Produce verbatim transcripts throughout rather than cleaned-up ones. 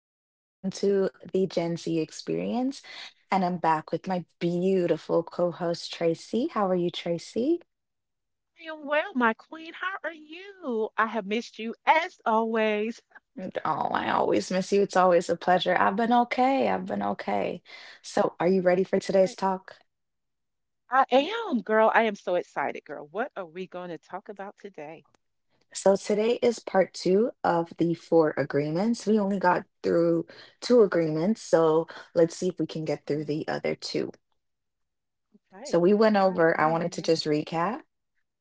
better. Welcome to the Gen Z Experience. And I'm back with my beautiful co host, Tracy. How are you, Tracy? I am well, my queen. How are you? I have missed you as always. And- Oh, I always miss you. It's always a pleasure. I I've been okay. I've been okay. So, are you love it. ready for today's I talk? I am, girl. I am so excited, girl. What are we going to talk about today? So, today is part two of the four agreements. We only got through two agreements. So, let's see if we can get through Yes. the other two. So, Okay. we went All right. over, I I am wanted to ready. just recap.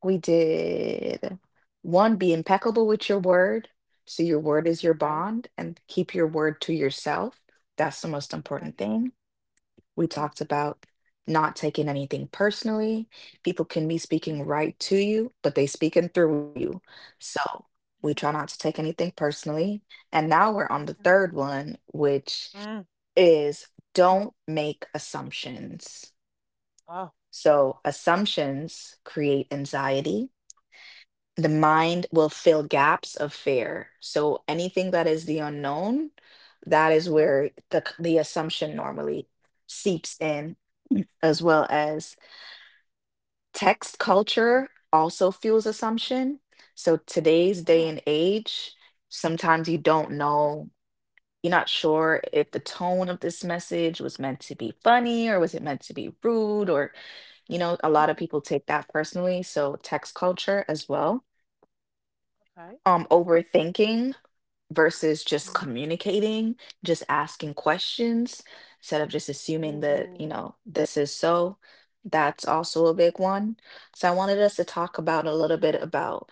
We did one, be impeccable with your word. So your word is your Okay. bond and keep your word to yourself. That's the most Okay. important thing. We talked Yes. about not taking anything personally. People can be Mhm, speaking right to you, but they speaking through you. So we mhm. try not to take anything personally. And now we're on the Okay. third one, which Mm, is mm. don't make assumptions. Oh. So assumptions create anxiety, the mm, mind will fill gaps of fear. So anything that is the unknown, that is Okay. where the c- the assumption normally seeps in, as well as text Mm, culture also fuels okay. assumption. So today's day Wow. and age, sometimes you don't know, you're not sure if the tone of this message was meant to be funny or was it meant to be rude or, you know, a lot of Okay. people take that personally. So text culture as well, Okay. um overthinking versus just Mm. communicating, just asking questions instead of just assuming that, you Ooh. know, this is so. That's also a big one. So I wanted us to talk about a little bit about,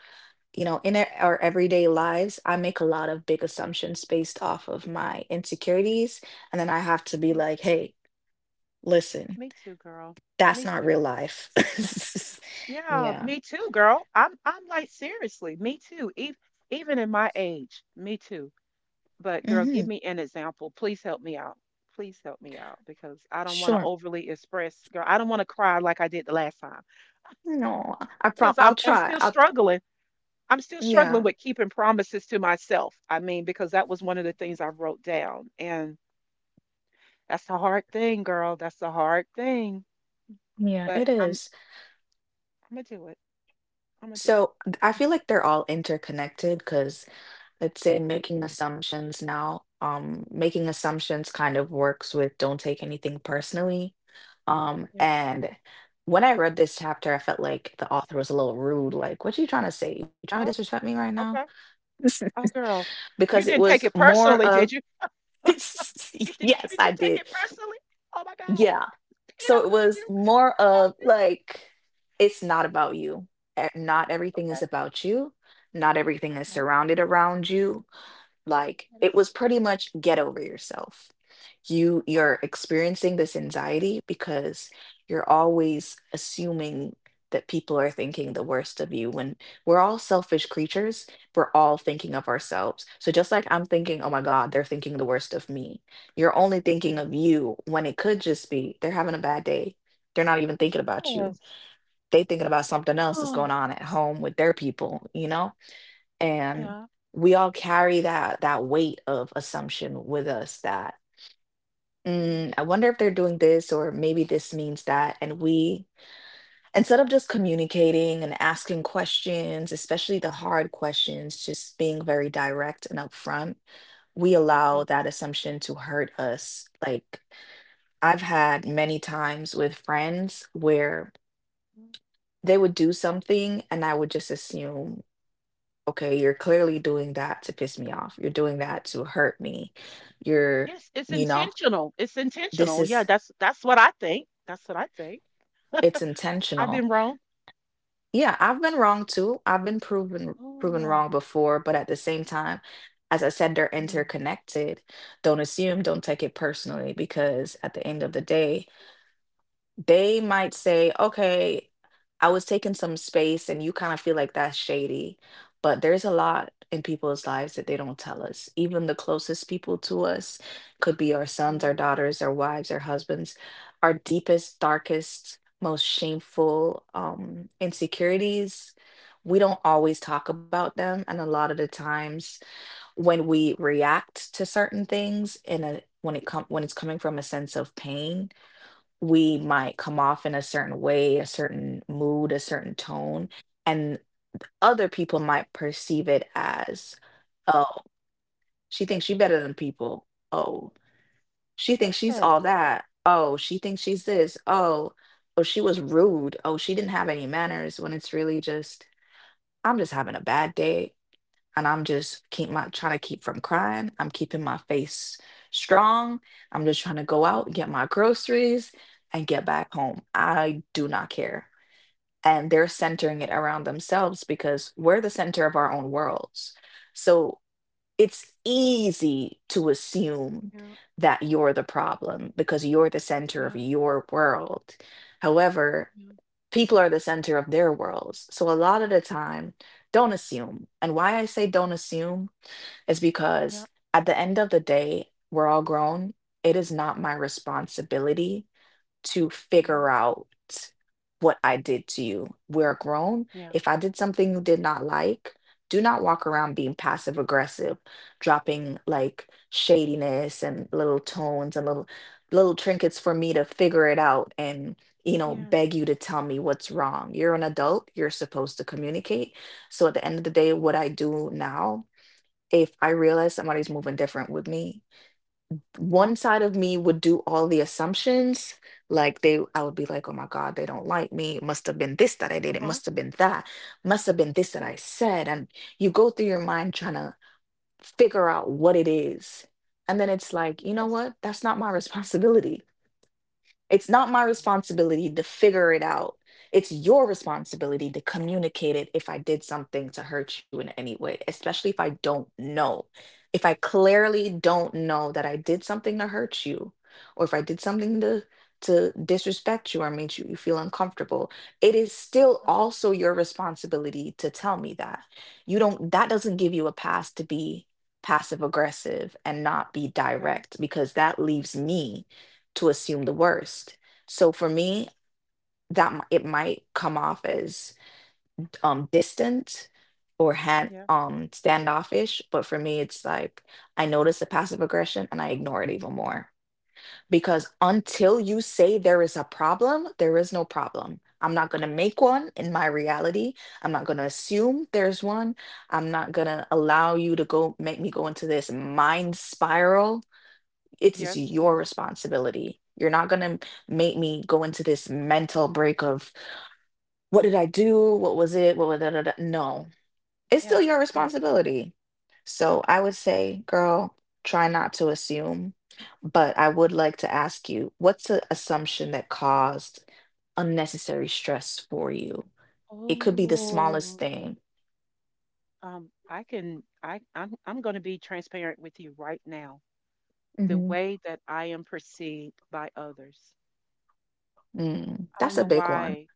you know, in our mm. our everyday lives, I make a lot of big assumptions based off of my insecurities, and then I have to be Me like, too. "Hey, listen, Me too, girl. that's Me not too. real life." Yeah, Yeah. me too, girl. I'm I'm like seriously, me too. Even even in my age, me too. But girl, hmm give me an example. Please help me out. Please help me out because I don't want to Sure. overly express, girl. I don't want to cry like I did the last time No, I prob because I'll I'm I'm try. still I'll struggling. I'm still struggling yeah. with keeping promises to myself. I mean, because that was one of the things I wrote down, and that's the hard thing, girl. That's the hard thing. Yeah, But it I'm is. I'm gonna do it. I'm gonna do it. So th- I feel like they're all interconnected because let's say Okay. making assumptions now, um, making assumptions kind of works with don't take anything personally. Um, Yes. and when I read this chapter, I felt like the author was a little rude. Like, what you trying to say? You trying to Oh, disrespect me right now? okay. Oh, girl, Because you it didn't was take it more personally, of, did you? You did. yes, Did you I take did. it personally? Oh my God, Yeah. he So don't it know was you. more I know of you. like, it's not about you. E- Not everything is Okay. about you. Not everything is Okay. surrounded around you, like Yes. it was pretty much get over yourself, you you're experiencing this anxiety because you're always assuming that people are thinking the worst of you when we're all selfish creatures, we're all thinking of ourselves. So just like I'm thinking, oh my God, they're thinking the worst of me, you're only thinking of Yes. you when it could just be they're having a bad day, they're not even thinking about you. Yes. They thinking about something else that's going Oh, on at home with their people, you know, and yeah. we all carry that that weight of assumption with us. That, mm, "Mm, I wonder if they're doing this or maybe this means that." And we, instead of just communicating and asking questions, especially the hard questions, just being very direct and upfront, we allow Yes. that assumption to hurt us. Like, I've had many times with friends where mm, they would do something and I would just assume, okay, you're clearly doing that to piss me off. You're doing that to hurt me. You're, Yes. It's you know, intentional. It's this intentional. Yeah. is, That's that's what I think. That's what I think. it's I've been intentional. wrong. Yeah, I've been wrong too. I've been proven proven Oh. wrong before, but at the same time, as I said, they're mm, interconnected. Don't assume, don't take it personally, because at the end of the day, they might say, okay, I was taking some space and you kind of feel like that's shady. But there's a lot in people's lives that they don't tell us. Even the closest people to us could be our sons, mm, our daughters, our wives, our husbands, our deepest, darkest, most shameful, um, insecurities. We don't always talk about them. And a lot of the times when we react to certain things in a, when it com- mm, when it's coming from a sense of pain, we mm. might come off in a certain way, a certain mood, a certain tone, and other people might perceive it as, oh, she thinks she better than people. Oh, she thinks she's all Yes. that. Oh, she thinks she's this. Oh, oh, she was rude. Oh, she didn't have any manners, when it's really just, I'm just having a bad day and I'm just keep my trying to keep from crying. I'm keeping my face strong. I'm just trying to go Yeah. out, get my groceries, and get back home. I do not care. And they're centering it around themselves because we're the center of our own worlds. So it's easy to assume Yeah. that you're the problem because you're the center Yeah. of your world. However, Yeah. people are the center of their worlds. So a lot of the time, don't assume. And why I say don't assume is Yeah. because at the end of the day, we're all grown. It is not my responsibility to mm, figure out what I did to you. We're grown. Yeah. If I did something you did not like, do not walk around being passive aggressive, dropping like shadiness and little tones and little, little trinkets for me to figure it out and, you know, Yes. beg you to tell me what's wrong. You're an adult, you're supposed to communicate. So at the end of the day, what I do now, if I realize somebody's moving different with me, Uh huh. one side of me would do all the assumptions. Like they, I would be like, oh my God, they don't like me. It must have been this that I Uh did. It huh. must have been that. Must have been this that I said. And you go through your mind trying to figure out what it is. And then it's like, you know Yes. what? That's not my responsibility. It's not my responsibility to figure it out. It's your responsibility to communicate it if I did something to hurt you in any way, especially if I don't know. If I clearly don't know that I did something to hurt you, or if I did something to to disrespect you or made you, you feel uncomfortable, it is still Yes. also your responsibility to tell me that. You don't, that doesn't give you a pass to be passive aggressive and not be Okay. direct because that leaves me to assume the worst. So for Yes. me, that m- it might come off as, um distant or hand, Yeah. um standoffish, but for me it's like I notice the passive aggression and I ignore it even more. Because until you say there is a problem, there is no problem. I'm not going to make one in my reality. I'm not going to assume there's one. I'm not going to allow you to go make me go into this mind spiral, it is Yes. Yes. your responsibility. You're not going to make me go into this mental break of what did I do? What was it? What was da, da, da. No, it's still Yes. your Yes. responsibility. So I would say, girl, try not to assume. But I would Um, like to ask you, what's an assumption that caused unnecessary stress for you? It could be the smallest oh, thing. um, I can. I. I'm. I'm going to be transparent with you right now. The hmm way that I am perceived by others. Mm, I that's don't a know big one. why.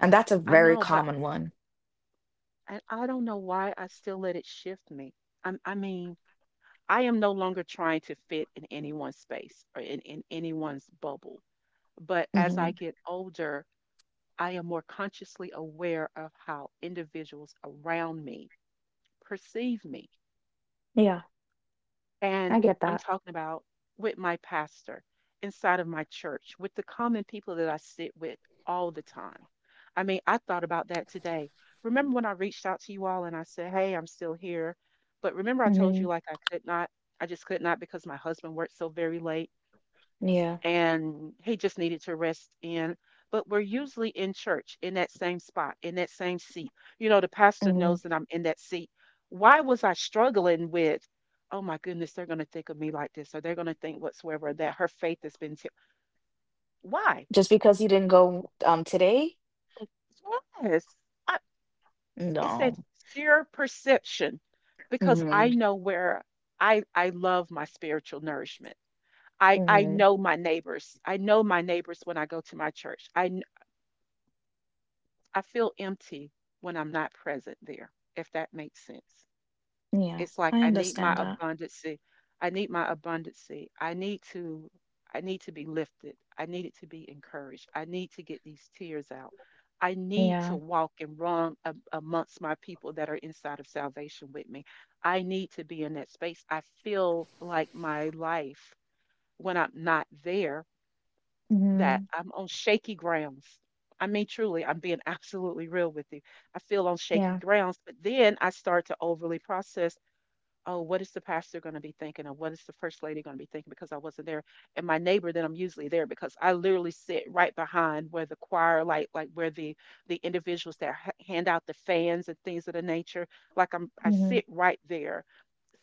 And that's a I very know, but common one. I, I don't know why I still let it shift me. I'm, I mean, I am no longer trying to fit in anyone's space or in, in anyone's bubble. But as I hmm get older, I am more consciously aware of how individuals around me perceive me. Yeah, I And get I'm that. talking about with my pastor, inside of my church, with the common people that I sit with all the time. I mean, I thought about that today. Remember when I reached out to you all and I said, "Hey, I'm still here." But remember, I told hmm you like I could not, I just could not because my husband worked so very late, Yeah. and he just needed to rest in. But we're usually in church in that same spot, in that same seat. You know, the pastor Mhm. knows that I'm in that seat. Why was I struggling with, oh my goodness, they're going to think of me like this, or they're going to think whatsoever that her faith has been. T-. Why? Just because you didn't go um today? Yes. I, it's that No. sheer perception because I hmm know where I, I love my spiritual nourishment. I, I hmm know my neighbors. I know my neighbors when I go to my church. I I feel empty when I'm not present there, if that makes sense. Yeah, It's like I I need my understand that. abundancy. I need my abundancy. I need to I need to be lifted. I need it to be encouraged. I need to get these tears out. I need to Yeah. walk and run a- amongst my people that are inside of salvation with me. I need to be in that space. I feel like my life when I'm not there that hmm I'm on shaky grounds. I mean, truly, I'm being absolutely real with you. I feel on shaky Yeah. grounds, but then I start to overly process oh, what is the pastor going to be thinking? Or what is the first lady going to be thinking because I wasn't there? And my neighbor, then I'm usually there because I literally sit right behind where the choir, like, like where the, the individuals that h- hand out the fans and things of the nature, like I'm, I hmm sit right there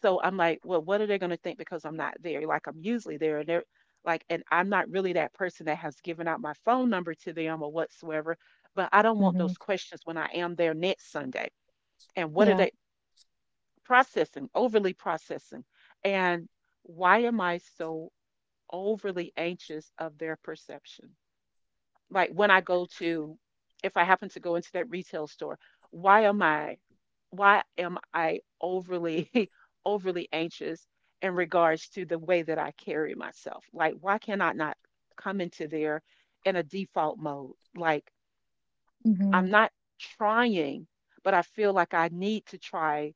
so I'm like, well, what are they going to think because I'm not there? Like I'm usually there, and they're like, and I'm not really that person that has given out my phone number to them or whatsoever. But I don't want hmm those questions when I am there next Sunday. And what are Yeah. they processing? Overly processing, and why am I so overly anxious of their perception? Like when I go to, if I happen to go into that retail store, why am I, why am I overly, overly anxious in regards to the way that I carry myself? Like, why can I not come into there in a default mode? Like, hmm I'm not trying, but I feel like I need to try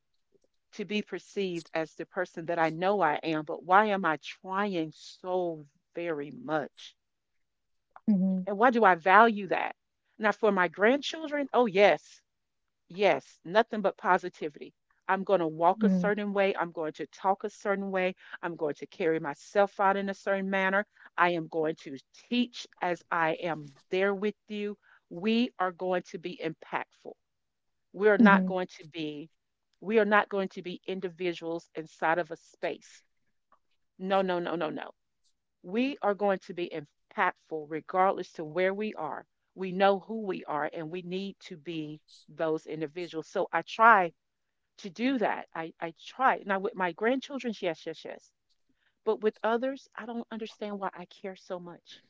to be perceived as the person that I know I am. But why am I trying so very much? hmm And why do I value that? Now, for my grandchildren, oh, yes, yes, nothing but positivity. I'm going to walk a hmm certain way. I'm going to talk a certain way. I'm going to carry myself out in a certain manner. I am going to teach as I am there with you. We are going to be impactful. We are not hmm going to be. We are not going to be individuals inside of a space. No, no, no, no, no, we are going to be impactful regardless to where we are. We know who we are and we need to be those individuals. So I try to do that. I, I try. Now with my grandchildren, yes, yes, yes. But with others, I don't understand why I care so much.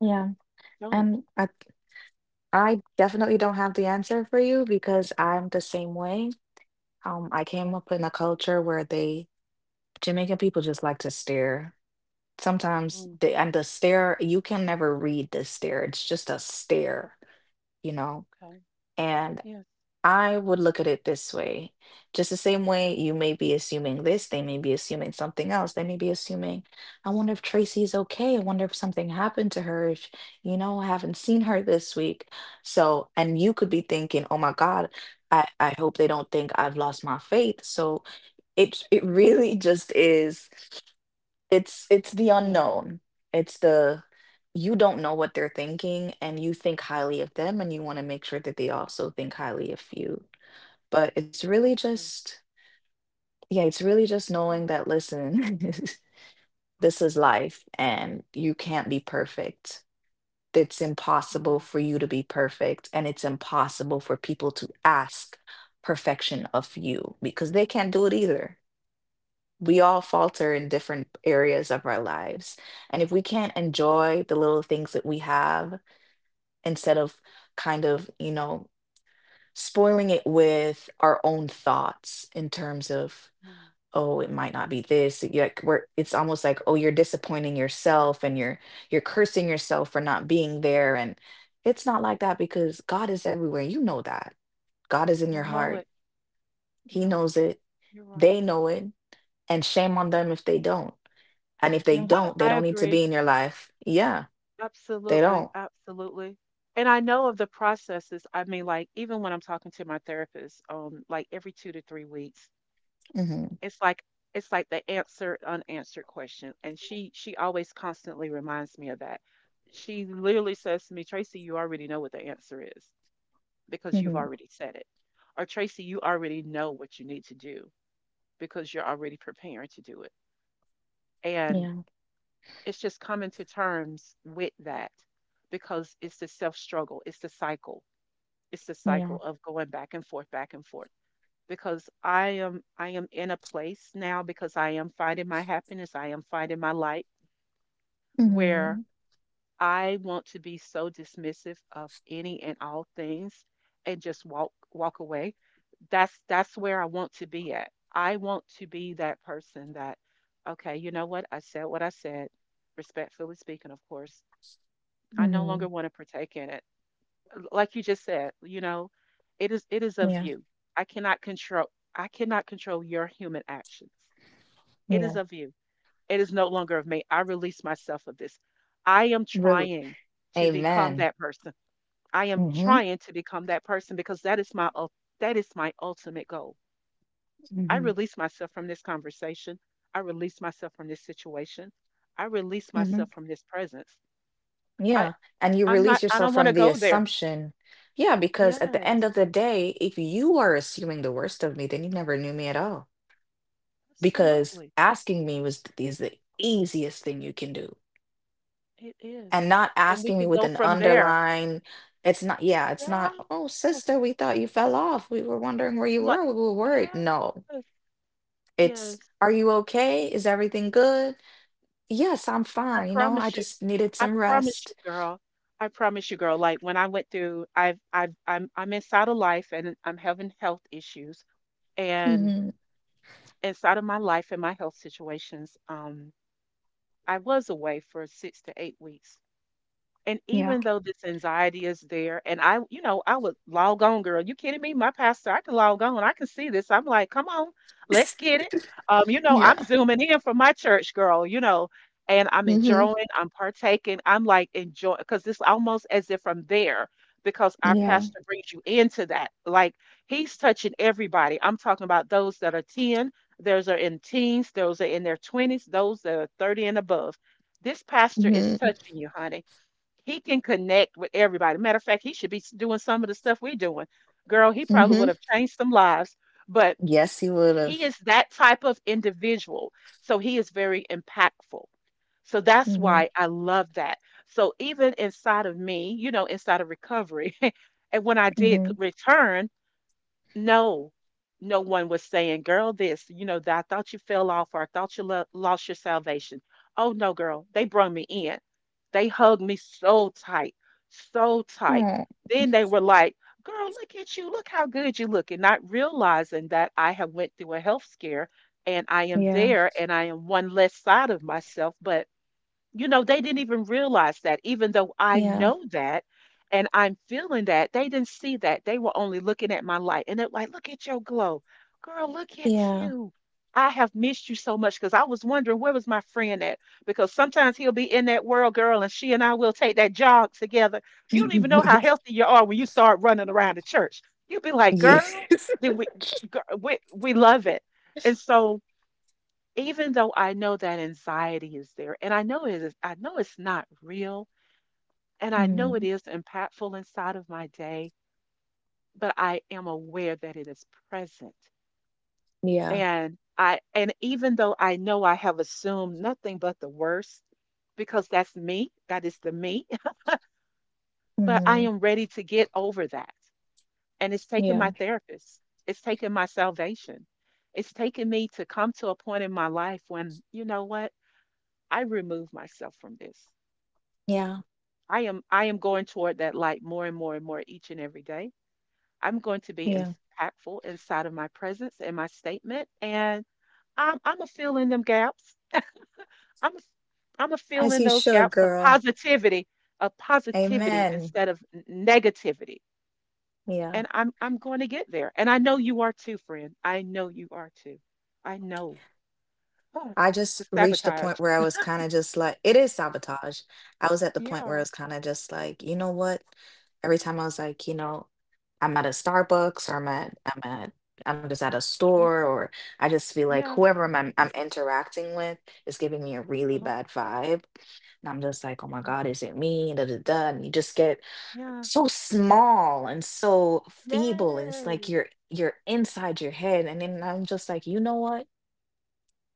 Yeah. I don't. And I I definitely don't have the answer for you because I'm the same way. Um, I came Right. up in a culture where they, Jamaican people just like to stare. Sometimes Mm, they, and the stare, you can never read the stare. It's just a stare, you know? okay. And, Yes. I would look at it this way. Just the same way you may be assuming this, they may be assuming something else. They may be assuming, I wonder if Tracy's okay. I wonder if something happened to her. If, you know, I haven't seen her this week. So, and you could be thinking, oh my God, I, I hope they don't think I've lost my faith. So it it Yeah. really just is it's it's the Yeah. unknown. It's the, you don't know what they're thinking and you think highly of them and you want to make sure that they also think highly of you. But it's really I do. just, yeah, it's really just Yeah. knowing that, listen, this is life and you can't be perfect. It's impossible Mm, for you to be perfect, and it's impossible for people to ask perfection of you because they can't do it either. We all falter in different areas of our lives. And if we can't enjoy the little things that we have instead of kind of, you know, spoiling it with our own thoughts in terms of mm. oh it might not be this you like we're it's almost like oh you're disappointing yourself and you're you're cursing yourself for not being there. And it's not like that because God is everywhere. You know that God is in I your know heart. it. He Yeah. knows it. You're right. They know it. And shame on them if they don't. And if they No, don't, they I don't need to agree. be in your life. Yeah, they Absolutely, don't. absolutely. And I know of the processes. I mean, like even when I'm talking to my therapist, um, like every two to three weeks, Hmm. it's like it's like the answered unanswered question, and she she always constantly reminds me of that. She literally says to me, "Tracy, you already know what the answer is because you've Hmm. already said it," or "Tracy, you already know what you need to do because you're already preparing to do it." And Yeah, it's just coming to terms with that because it's the self struggle, it's the cycle, it's the yeah. cycle of going back and forth, back and forth. Because I am I am in a place now because I am finding my happiness, I am finding my light where Hmm. I want to be so dismissive of any and all things and just walk walk away. That's that's where I want to be at. I want to be that person that okay, you know what? I said what I said, respectfully speaking, of course I no Hmm. longer want to partake in it. Like you just said, you know, it is it is of Yeah, you. I cannot control I cannot control your human actions. It is yeah. of you. It is no longer of me. I release myself of this. I am Really. trying to become Amen. that person. I am Hmm. trying to become that person because that is my ul- that is my ultimate goal. I Hmm. release myself from this conversation. I release myself from this situation. I release Hmm. myself from this presence. I Yeah. And you I'm release not I yourself don't want to from the go there. assumption. Yeah, because at the end Yes. of the day, if you are assuming the worst of me, then you never knew me at all. Because Absolutely, asking me was th- is the easiest thing you can do. it is, And not and we asking me can with go an from there. underline. It's not, yeah, it's not, oh, sister, Yes, we thought you fell off. We were wondering where you like were. We were yes, worried. No, it's, yes. are you okay? Is everything good? Yes, I'm I fine. You know, I promise you, just needed I some promise rest. you, girl. I promise you, girl. Like when I went through, I've, I've, I'm, I'm inside of life, and I'm having health issues, and Hmm. inside of my life and my health situations, um, I was away for six to eight weeks. And Yeah. even though this anxiety is there, and I, you know, I would log on, girl. You kidding me? My pastor, I can log on. I can see this. I'm like, come on, let's get it. Um, you know, I'm Yeah. zooming in from my church, girl, you know, and I'm Hmm. enjoying, I'm partaking, I'm like enjoying because it's almost as if I'm there because our Yeah. pastor brings you into that. Like he's touching everybody. I'm talking about those that are ten, those are in teens, those are in their twenties, those that are thirty and above. This pastor is Mhm. touching you, honey, he can connect with everybody. Matter of fact, he should be s- doing some of the stuff we're doing. Girl, he probably Mhm. would have changed some lives, but Yes, he would he have. is that type of individual. So he is very impactful. So that's Mhm. why I love that. So even inside of me, you know, inside of recovery, and when I did c- Mhm. return, no, no one was saying, "Girl, this, you know, that I thought you fell off or I thought you lo- lost your salvation." Oh no, girl, they brought me in. They hugged me so tight, so tight. Oh. Then they were like, "Girl, look at you. "Look how good you look," and not realizing that I have went through a health scare and I am Yeah. there and I am one less side of myself, but you know, they didn't even realize that, even though I Yeah. know that and I'm feeling that, they didn't see that. They were only looking at my light and they're like, look at your glow. Girl, look at Yeah. you. I have missed you so much because I was wondering where was my friend at? Because sometimes he'll be in that world, girl, and she and I will take that jog together. You don't even know how healthy you are when you start running around the church. You'll be like, girl, yes. then we, girl, we, we love it. And so, even though I know that anxiety is there, and I know it is, I know it's not real, and I know it Mhm. is impactful inside of my day, but I am aware that it is present. Yeah. And I, and even though I know I have assumed nothing but the worst, because that's me, that is the me, but I Mhm. am ready to get over that. And it's taken Yeah. my therapist, it's taken my salvation. It's taken me to come to a point in my life when, you know what, I remove myself from this. Yeah. I am I am going toward that light more and more and more each and every day. I'm going to be Yeah. impactful inside of my presence and my statement, and I'm I'm a fill in them gaps. I'm a, I'm a fill As in you those should, gaps of girl. positivity, of positivity Amen. instead of n- negativity, Yeah. and I'm I'm going to get there. And I know you are too, friend. I know you are too. I know. Oh, I the just reached the point sabotage. where I was kind of just like, it is sabotage. I was at the point where I Yeah. was kind of just like, you know what? Every time I was like, you know, I'm at a Starbucks or I'm at, I'm at, I'm just at a Yeah. store or I just feel like Yeah. whoever I'm, I'm I'm interacting with is giving me a really Uh-huh. bad vibe. And I'm just like, oh my mm, God, is it me? Da, da, da. And you just get Yeah. so small and so feeble. And it's Yes. like you're you're inside your head. And then I'm just like, you know what?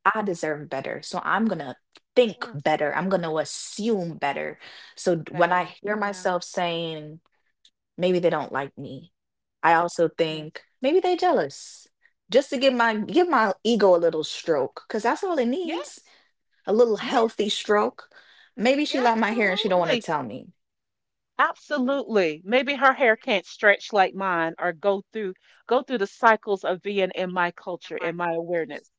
I deserve better. So I'm going to think Yes. better. I'm going to assume better. So d- when I Better. hear Yeah. myself saying, maybe they don't like me, I also Yes. think maybe they jealous. Just to give my give my ego a little stroke, because that's all it needs, Yes. a little healthy Yes. stroke. Maybe she Yeah, like my hair and she don't want to absolutely. tell me. Absolutely. Maybe her hair can't stretch like mine or go through go through the cycles of being in my culture, in my awareness.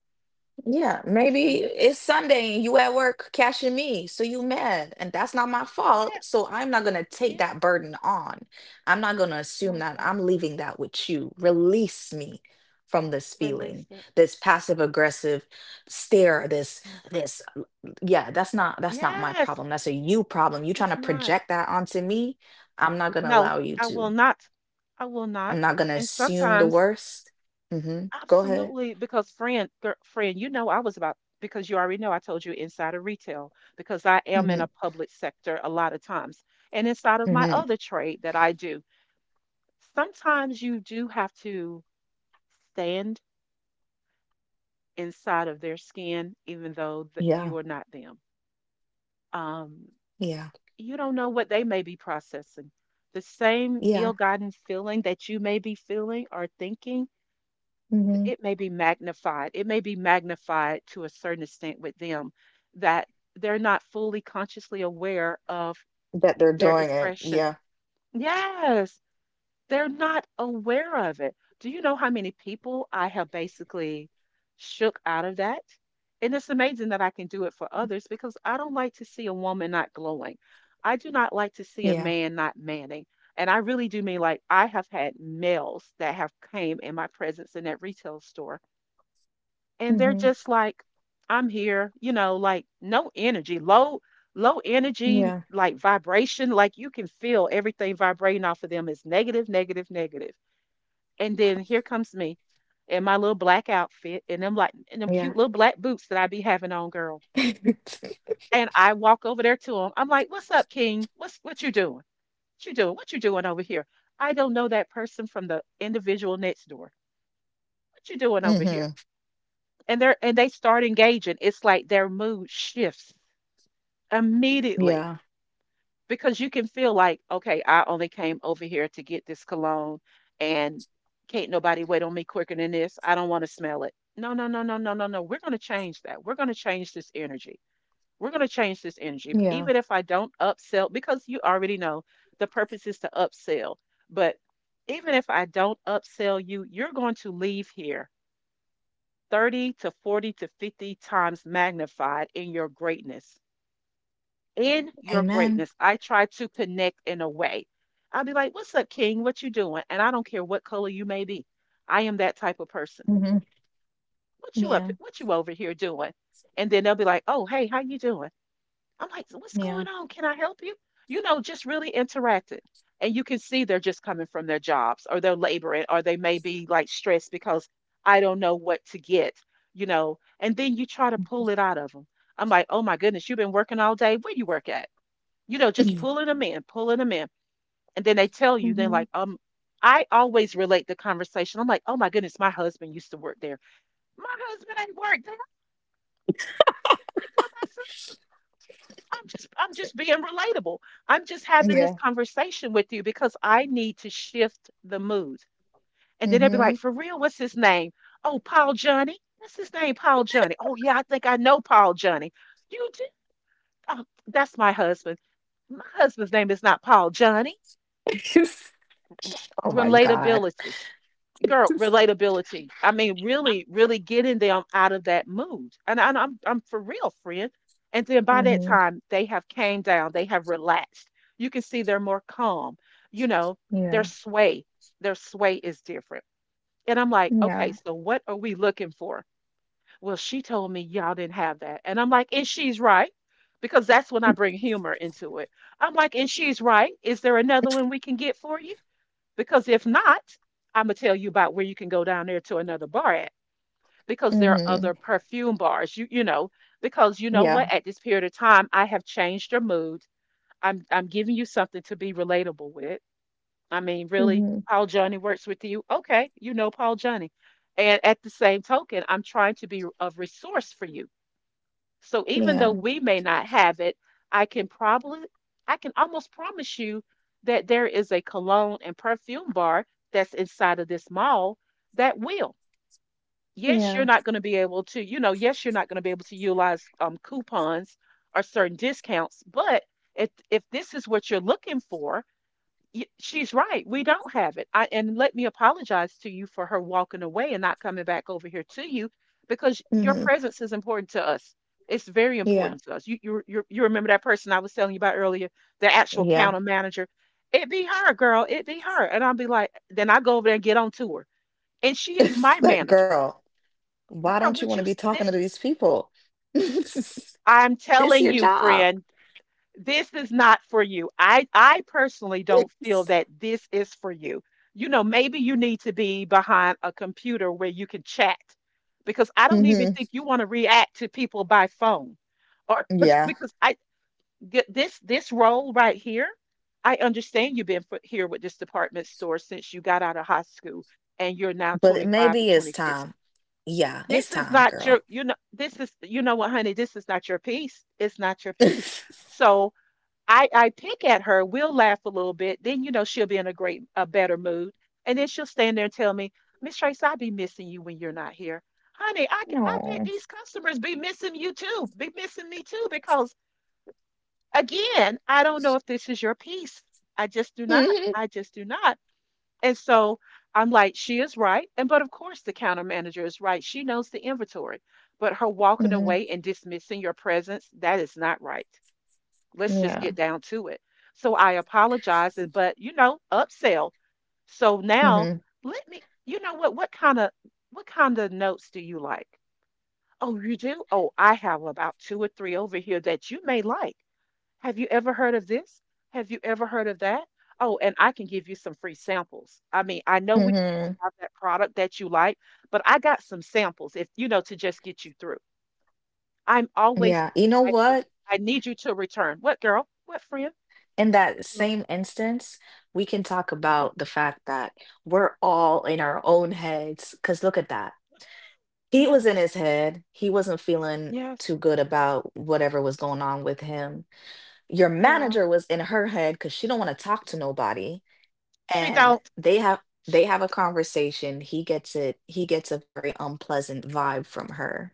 Yeah, Oh, maybe friend. it's Sunday and you at work cashing me, so you mad, and that's not my fault. Yes. So I'm not gonna take Yeah. that burden on. I'm not gonna assume Like that that. I'm leaving that with you. Release me from this feeling, Release it. this passive aggressive stare, this Yes. this l- l- yeah, that's not that's not my Yes. problem. That's a you problem. You trying It's to not. project that onto me? I'm not gonna No, allow you I will to. not. I will not. I'm not gonna And assume the sometimes worst. Mm-hmm. Go ahead. absolutely, because friend, gir- friend, you know I was about because you already know I told you inside of retail because I am in Mm-hmm. a public sector a lot of times. And inside of my Mm-hmm. other trade that I do, sometimes you do have to stand inside of their skin even though that Yeah. you are not them. Um, Yeah. you don't know what they may be processing. The same Yeah. ill-gotten feeling that you may be feeling or thinking, Mhm. it may be magnified. It may be magnified to a certain extent with them that they're not fully consciously aware of That they're their doing it. expression. Yeah. Yes, they're not aware of it. Do you know how many people I have basically shook out of that? And it's amazing that I can do it for others because I don't like to see a woman not glowing. I do not like Yeah. to see a man not manning. And I really do mean like I have had males that have came in my presence in that retail store and they're Mhm. just like, I'm here, you know, like no energy, low low energy, Yeah. like vibration, like you can feel everything vibrating off of them is negative, negative, negative, negative. And then here comes me in my little black outfit and them like and them Yeah. cute little black boots that I be having on, girl. And I walk over there to him, I'm like, what's up, King? What's what you doing? What you doing what you doing over here? I don't know that person from the individual next door. What you doing over here? hmm. And they're, and they start engaging. It's like their mood shifts immediately, Yeah. because you can feel like, okay, I only came over here to get this cologne and can't nobody wait on me quicker than this, I don't want to smell it. No, no, no, no, no, no, no, we're going to change that, we're going to change this energy, we're going to change this energy. Yeah. Even if I don't upsell, because you already know the purpose is to upsell, but even if I don't upsell you, you're going to leave here thirty to forty to fifty times magnified in your greatness. In your Amen. greatness, I try to connect in a way. I'll be like, "What's up, King? What you doing?" And I don't care what color you may be. I am that type of person. Mhm. What you up? Yeah. What you over here doing? And then they'll be like, "Oh, hey, how you doing?" I'm like, "So what's Yeah. going on? Can I help you? You know, just really interacting." And you can see they're just coming from their jobs or they're laboring or they may be like stressed because I don't know what to get, you know. And then you try to pull it out of them. I'm like, oh my goodness, you've been working all day. Where you work at? You know, just pulling them in, pulling them in. And then they tell you, they're Mhm. like, um, I always relate the conversation. I'm like, oh my goodness, my husband used to work there. My husband ain't worked there. I worked there. I'm just I'm just being relatable. I'm just having this Yeah. conversation with you because I need to shift the mood. And then they'll be Hmm. like, for real, what's his name? Oh, Paul Johnny. That's his name, Paul Johnny. Oh yeah, I think I know Paul Johnny. You do? Oh, that's my husband. My husband's name is not Paul Johnny. oh my God. Relatability. Girl, relatability. I mean, really, really getting them out of that mood. And, and I'm I'm for real, friend. And then by that Mhm. time, they have came down, they have relaxed. You can see they're more calm. You know, their Yeah. sway, their sway is different. And I'm like, okay, Yeah. so what are we looking for? Well, she told me y'all didn't have that. And I'm like, and she's right, because that's when I bring humor into it. I'm like, and she's right. Is there another one we can get for you? Because if not, I'm gonna tell you about where you can go down there to another bar at, because there are Hmm. other perfume bars. You you know, because you know what, Yeah. at this period of time, I have changed your mood. I'm I'm giving you something to be relatable with. I mean, really, Mhm. Paul Johnny works with you. Okay, you know Paul Johnny. And at the same token, I'm trying to be of resource for you. So even though Yeah. we may not have it, I can probably, I can almost promise you that there is a cologne and perfume bar that's inside of this mall that will. Yes, you're Yeah. not going to be able to, you know, yes, you're not going to be able to utilize um, coupons or certain discounts, but if if this is what you're looking for, y- she's right. We don't have it. I, and let me apologize to you for her walking away and not coming back over here to you because your Mhm. presence is important to us. It's very Yeah. important to us. You, you, you, you remember that person I was telling you about earlier, the actual Yeah. counter manager. It be her, girl. It be her. And I'll be like, then I go over there and get on to her. And she is It's my like, manager. girl, why don't Girl, you want would to you, be s- talking to this, these people? this I'm is telling your you, job. friend, this is not for you. I I personally don't feel that this is for you. You know, maybe you need to be behind a computer where you can chat because I don't even Hmm. think you want to react to people by phone. Or Yeah, because I th- this this role right here, I understand you've been fo- here with this department store since you got out of high school and you're now but it twenty-five or maybe it's twenty-six. time. Yeah, it's This is time, not girl. your, you know, this is, you know what, honey, this is not your piece. It's not your piece. So I I pick at her, we'll laugh a little bit, then you know she'll be in a great a better mood. And then she'll stand there and tell me, Miss Trace, I be missing you when you're not here. Honey, I, c- I bet No. these customers be missing you too, be missing me too, because again, I don't know if this is your piece. I just do not. Hmm. I just do not. And so I'm like, she is right. And but of course the counter manager is right. She knows the inventory. But her walking Hmm. away and dismissing your presence, that is not right. Let's just Yeah. get down to it. So I apologize, and but you know, upsell. So now Hmm. let me, you know what, what kind of what kind of notes do you like? Oh, you do? Oh, I have about two or three over here that you may like. Have you ever heard of this? Have you ever heard of that? Oh, and I can give you some free samples. I mean, I know we Hmm. have that product that you like, but I got some samples if you know to just get you through. I'm always Yeah, you know I, what? I need you to return. What girl? What friend? In that Girl. same instance, we can talk about the fact that we're all in our own heads. Because look at that. He Yes, was in his head. He wasn't feeling yes, too good about whatever was going on with him. Your yeah. manager was in her head because she don't want to talk to nobody. She And don't. they have they have a conversation. He gets it. He gets a very unpleasant vibe from her,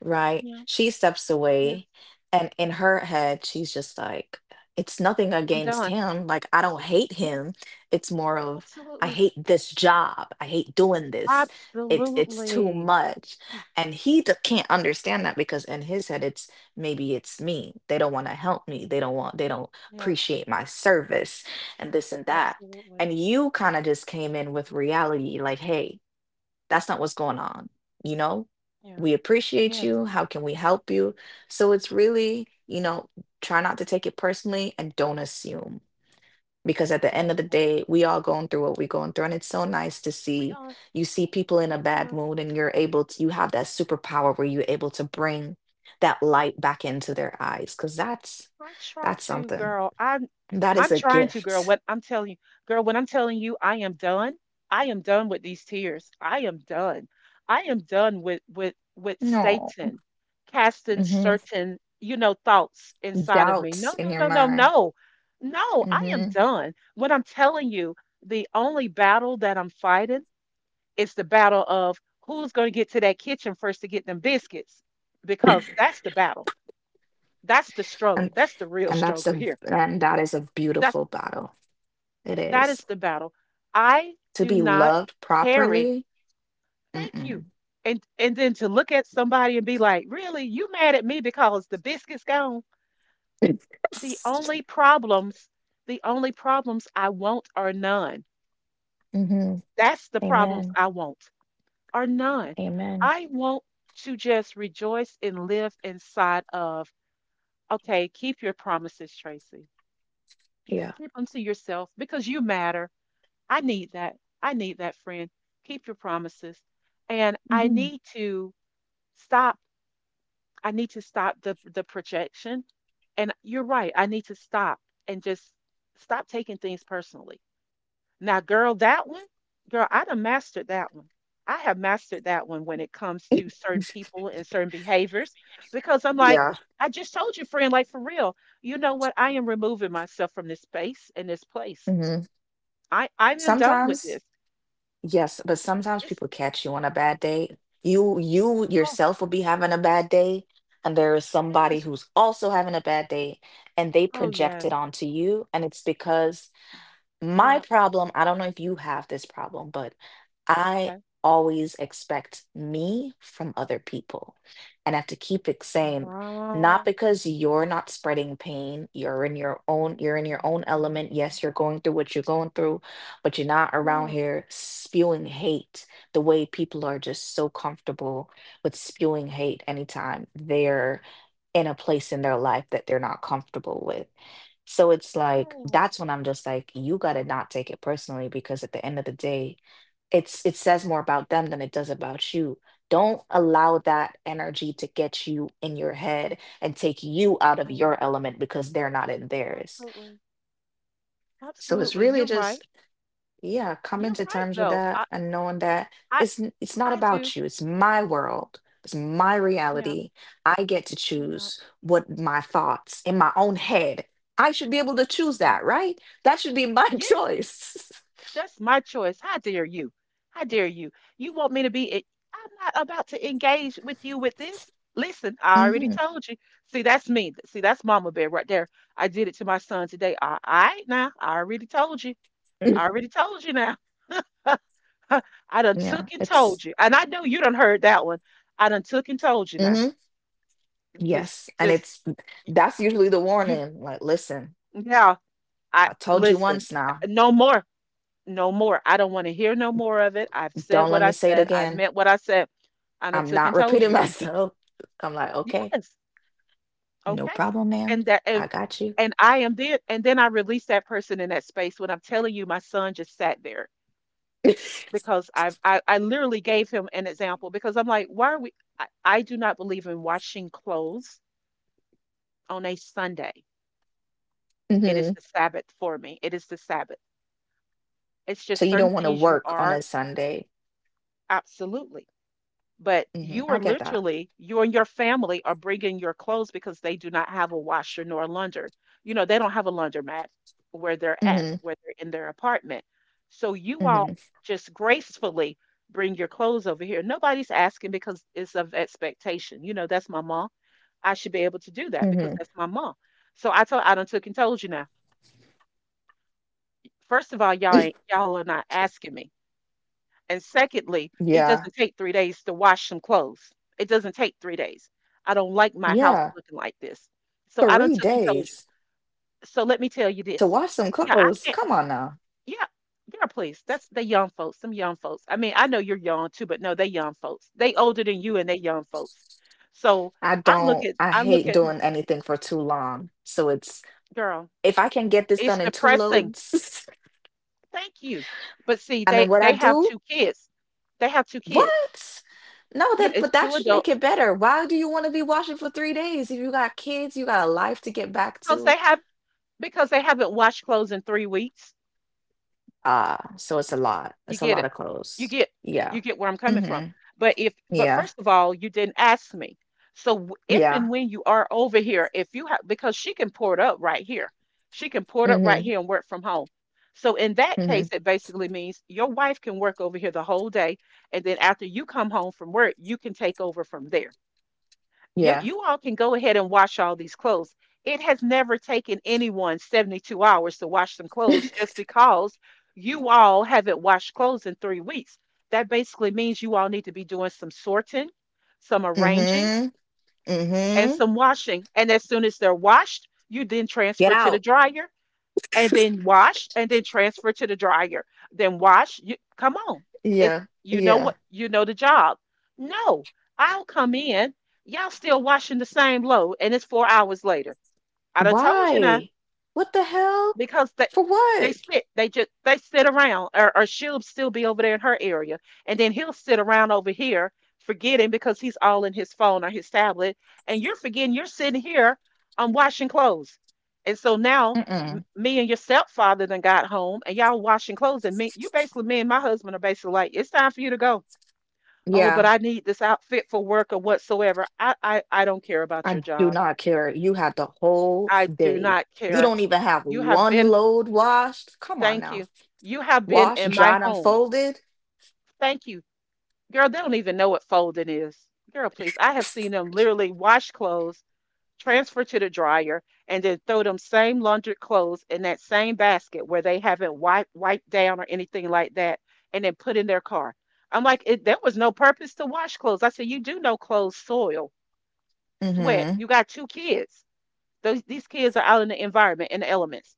right? Yeah, She steps yes. away, and in her head she's just like, it's nothing I'm against done. him, like I don't hate Yeah, him. It's more of, I absolutely. hate this job, I hate doing this. it's it's too Absolutely. much. And he d- can't understand that because in his head it's, maybe it's me, they don't want to help me, they don't want they don't Yeah, appreciate my service, and this and that. absolutely. And you kinda just came in with reality, like, "Hey, that's not what's going on," you know? Yeah. "We appreciate Yes, you, how can we help you?" So it's really, you know, try not to take it personally and don't assume, because at I the end like of the that. day, we all going through what we going through, and it's so nice to We see, are. you see people in Yeah, a we bad are. mood and you're able to, you have that superpower where you're able to bring that light back into their eyes because that's I try that's to, something. girl. I'm That is I'm a trying to, girl. gift. What I'm telling you, girl, when I'm telling you I am done, I am done with these tears. I am done. I am done with with with No. Satan casting Mhm. certain, you know, thoughts inside of me. Doubts No, in no, your no, no, mind. no. No, I am Hmm. done. What I'm telling you, the only battle that I'm fighting is the battle of who's going to get to that kitchen first to get them biscuits because that's the battle. That's the And struggle. That's the real and that's struggle a here. and that is a That's beautiful battle. It that is is the battle. I to do be not loved carry. properly. Thank you. Mm-mm. And and then to look at somebody and be like, "Really? You mad at me because the biscuit's gone?" The only problems, the only problems I want are none. hmm. That's the problems Amen. I want are none. Amen. I want to just rejoice and live inside of, okay, keep your promises, Tracy. Yeah. Keep them to yourself because you matter. I need that. I need that, friend. Keep your promises. And I Hmm. need to stop. I need to stop the the projection. And you're right. I need to stop and just stop taking things personally. Now, girl, that one, girl, I done mastered that one. I have mastered that one when it comes to certain people and certain behaviors because I'm like, Yeah. I just told you, friend, like for real, you know what? I am removing myself from this space and this place. Hmm. I, I am done with Sometimes, this. yes, but sometimes It's people catch you on a bad day. You you yourself will be having a bad day, and there is somebody yes. who's also having a bad day, and they Oh, project it yes. onto you, and it's because, Mhm. my Yeah. problem, I don't know if you have this problem, but I Okay. always expect me from other people. And I have to keep it saying, not Wow. because you're not spreading pain, you're in your own, you're in your own element. Mhm. Yes, you're going through what you're going through, but you're not around Yes. here spewing hate the way people are just so comfortable with spewing hate anytime they're in a place in their life that they're not comfortable with. So it's like Yes. that's when I'm just like, you gotta not take it personally because at the end of the day, it's, it says more about them than it does about you. Don't allow that energy to get you in your head and take you out of Yeah. your element because they're not in theirs. Absolutely. So it's Absolutely. really You're right. just, yeah, coming You're to right, terms with though. that I, and knowing that I, it's n- it's not I do. about you. It's my world. It's my Yeah. reality. I get to Yeah. choose what my thoughts in my own head. I should be able to choose Yeah. that, right? That should be my Yes. choice. That's my choice. How dare you? How dare you? You want me to be? e- I'm not about to engage with you with this. Listen, I already Hmm. told you. See, that's me. See, that's mama bear right there. I did it to my son today. All right, now. I already told you. I already told you now. I done Yeah, took and told it's, you. And I know you done heard that one. I done took and told you now. hmm, Just yes, and just it's, y- that's usually the you warning. Like, listen, Yeah, I I told you listen. once uh, now. No more. No more. I don't want to hear no more of it. I've said Don't let what me I say it said. I again. meant what I said. I done I'm took not and told repeating you. myself. I'm like, okay, Yes. no Okay. problem, ma'am. And that and I got you. and I am then and then I release that person in that space when I'm telling you my son just sat there because I've I, I literally gave him an example because I'm like, why are we? I, I do not believe in washing clothes on a Sunday. It is hmm. the Sabbath for me. It is the Sabbath. It's So just you certain don't want to things you work on are a Sunday. absolutely. But Hmm, you I are get that. literally you and your family are bringing your clothes because they do not have a washer nor a launder, you know they don't have a laundromat where they're at, Hmm. where they're in their apartment. So you all Hmm. just gracefully bring your clothes over here. Nobody's asking because it's of expectation, you know that's my mom, I should be able to do that because Hmm. that's my mom. So I told, I done took and told you now, first of all, y'all ain't y'all are not asking me. And secondly, it Yeah. doesn't take three days to wash some clothes. It doesn't take three days. I don't like my house Yeah. looking like this. So I done Three took and told you. days So let me tell you to this. wash some Yeah, I clothes. can't. Come on now. Yeah, girl, please. That's the young folks. Some young folks. I mean, I know you're young too, but no, they young folks. They older than you, and they young folks. So I I look don't, at, I I look hate at her, doing anything for too long. So it's, girl. if I can get this It's done in two depressing. loads, Thank you. But see, and then they what I they have do, two kids. They have two kids. what? No, Yeah, that, it's but that two should make adults. it better. Why do you want to be washing for three days? If you got kids, you got a life to get back Because they to. have because they haven't washed clothes in three weeks. Uh, so it's a Y- lot. You It's a get lot it. of You clothes. get Yeah. you get where I'm coming from. Mhm. But if but Yeah. first of all, you didn't ask me. So w- if Yeah. and when you are over here, if you have, because she can pour it up right here, she can pour it up right Mhm. here and work from home. So in that Mhm. case, it basically means your wife can work over here the whole day, and then after you come home from work, you can take over from there. you, Yeah. You all can go ahead and wash all these clothes. It has never taken anyone seventy-two hours to wash some clothes just because you all haven't washed clothes in three weeks. That basically means you all need to be doing some sorting, some arranging, Mhm. and Mhm. some washing. And as soon as they're washed, you then Get transfer to the out. dryer, and then wash, and then transfer to the dryer. Then wash. You, come on. It's Yeah. you know Yeah. what you know the job. No, I'll come in. Y'all still washing the same load and it's four hours later. I done told you now Why? What the hell? because they For they what? sit they just they sit around, or, or she'll still be over there in her area, and then he'll sit around over here forgetting because he's all in his phone or his tablet and you're forgetting you're sitting here um washing clothes. And so now m- Mm-mm. me and your stepfather then got home and y'all washing clothes, and me you basically me and my husband are basically like, it's time for you to go. Oh, but Yeah. I need this outfit for work or whatsoever. i i, I don't care about your I do job, not care. You had the whole I do day. not You care. don't even have You have one been. load washed. Come on Thank now. you. You have been Washed, in my dried, and home. folded. Thank you. Girl, they don't even know what folding is. Girl, please. I have seen them literally wash clothes, transfer to the dryer, and then throw them same laundered clothes in that same basket where they haven't wiped wiped down or anything like that, and then put in their car. I'm like, it, there was no purpose to wash clothes. I said, you do know clothes soil, sweat. Mm-hmm. You got two kids. Those These kids are out in the environment, in the elements.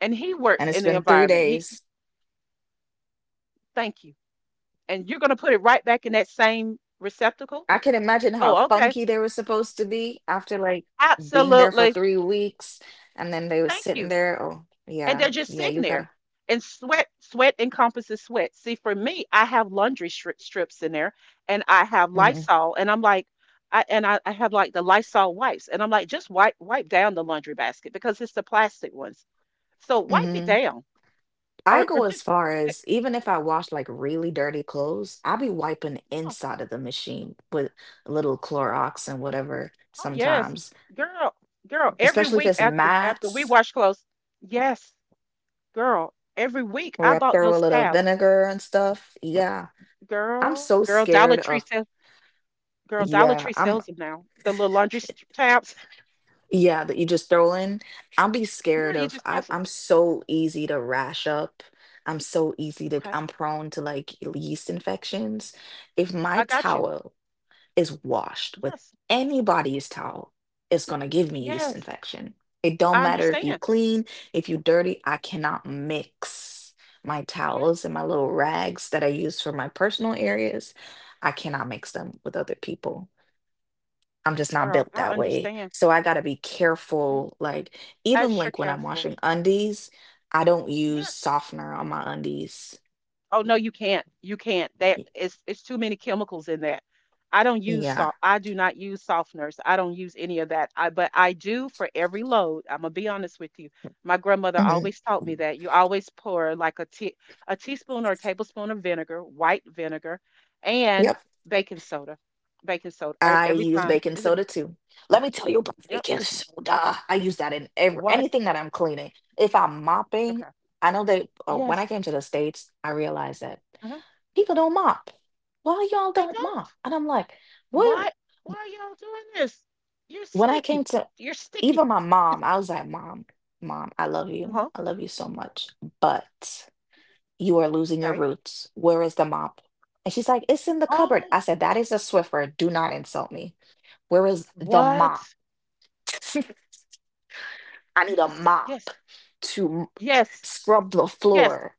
And he works And it's in the been three environment. He days. thank you. And you're gonna put it right back in that same receptacle? I can imagine how Oh, okay. funky they were supposed to be after like being there for Absolutely. three weeks, and then they were Thank sitting you. there. Oh, And yeah, they're just yeah, sitting you there. gotta. And sweat, sweat encompasses sweat. See, for me, I have laundry stri- strips in there and I have Hmm. Lysol and I'm like, I, and I, I have like the Lysol wipes and I'm like, just wipe, wipe down the laundry basket because it's the plastic ones. So wipe it Hmm. down, I or, or go as just, far eh, as, even if I wash like really dirty clothes, I'll be wiping oh, inside of the machine with a little Clorox and whatever oh yes, sometimes, girl, girl, every especially if week it's after, after we mats wash clothes, yes, girl, every week where I I bought throw a those little tabs. vinegar and stuff. Yeah, I'm Girl, so girl, Dollar scared Tree of. sells Girl, Dollar Yeah, Tree I'm. sells them now. The little laundry st- tabs. Yeah, that you just throw in. I'll be Yeah, scared you of, just I, toss them. I'm so easy to rash up. I'm so easy to, Okay. I'm prone to like yeast infections. If my I got you. towel is washed with Yes. anybody's towel, it's gonna give me yeast Yes. infection. It don't I matter if you understand. clean, if you dirty, I cannot mix my towels and Yes. my little rags that I use for my personal Yes. areas. I cannot mix them with other people. I'm just not Girl, built I that way. understand. So I got to be Mm, careful. Like, even extra like when I'm careful. washing undies, I don't use Yes. softener on my undies. Oh no, you can't. You can't. There Y- It's it's too many chemicals in that. I don't use yeah. soft. I do not use softeners. I don't use any of that. I but I do for every load. I'm gonna be honest with you. My grandmother Hmm. always taught me that you always pour like a tea, a teaspoon or a tablespoon of vinegar, white vinegar, and Yep. baking soda. Baking soda e- I every use time. baking Is it? soda too. Let me tell you about Yep. baking soda. I use that in every, What? anything that I'm cleaning. If I'm mopping, Okay. I know they, oh, when I Yes. came to the States, I realized that uh people don't mop. Why y'all They don't mop? don't. And I'm like, what? Why? Why are y'all doing this? You're When I sticky. came to, You're sticky. even my mom, I was like, Mom, mom, I love you. Uh-huh. I love you so much, but you are losing your Okay. roots. Where is the mop? And she's like, it's in the cupboard. Oh, I said, that is a Swiffer. Do not insult me. Where is the what? mop? I need a Yes, mop yes, to m- yes, scrub the yes. floor.